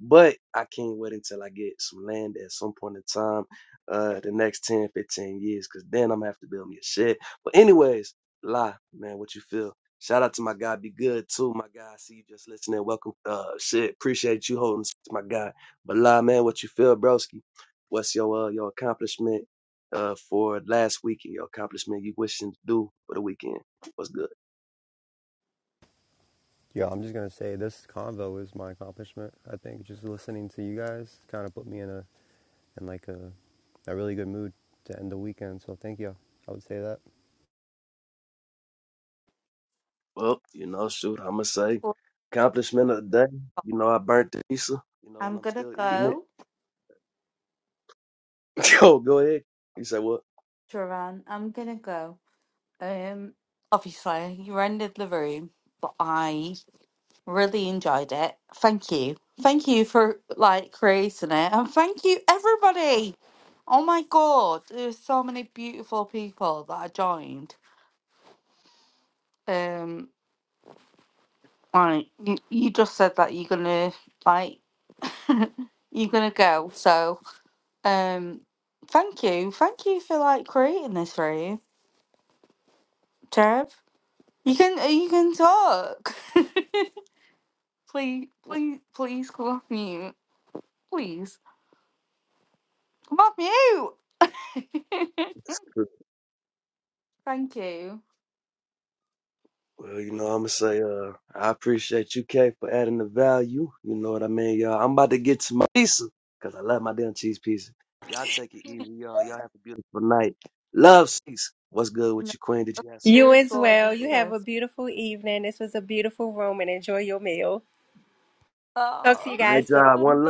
But I can't wait until I get some land at some point in time, uh, the next ten, fifteen 15 years, because then I'm gonna have to build me a shed. But anyways, lie, man, what you feel? Shout out to my guy, be good too, my guy. I see you just listening. Welcome, uh, shit. Appreciate you holding, space, my guy. But lie, man, what you feel, broski? What's your uh, your accomplishment uh for last weekend? Your accomplishment you wishing to do for the weekend? What's good?
Yeah, I'm just gonna say this convo is my accomplishment. I think just listening to you guys kind of put me in a in like a a really good mood to end the weekend. So thank you. I would say that.
Well, you know, shoot, I'ma say
Well,
accomplishment of the day. You know, I burnt the pizza. You know, and
I'm
I'm
gonna
still eating it.
go,
Yo, go ahead. You say what?
Duran. I'm gonna go. Um, obviously you ended the room, but I Really enjoyed it. Thank you. Thank you for like creating it. And thank you everybody. Oh my god, there's so many beautiful people that I joined. Um right, you, you just said that you're gonna like you're gonna go. So um thank you. Thank you for like creating this room, Trev. You can you can talk. please please please come off mute. Please. Come off mute. Thank you.
Well, you know, I'm gonna say, uh, I appreciate you, K, for adding the value. You know what I mean, y'all. I'm about to get to my pizza because I love my damn cheese pizza. Y'all take it easy, y'all. Y'all have a beautiful night. Love, peace. What's good
No,
with you, Queen? Did you have something you
You
you're a
want to
as
say? Real
well.
gorgeous
You
quick?
have a
person.
beautiful evening. This was a beautiful room, and enjoy your meal. Talk to
Oh.
you
All right,
guys
y'all.
soon.
One love.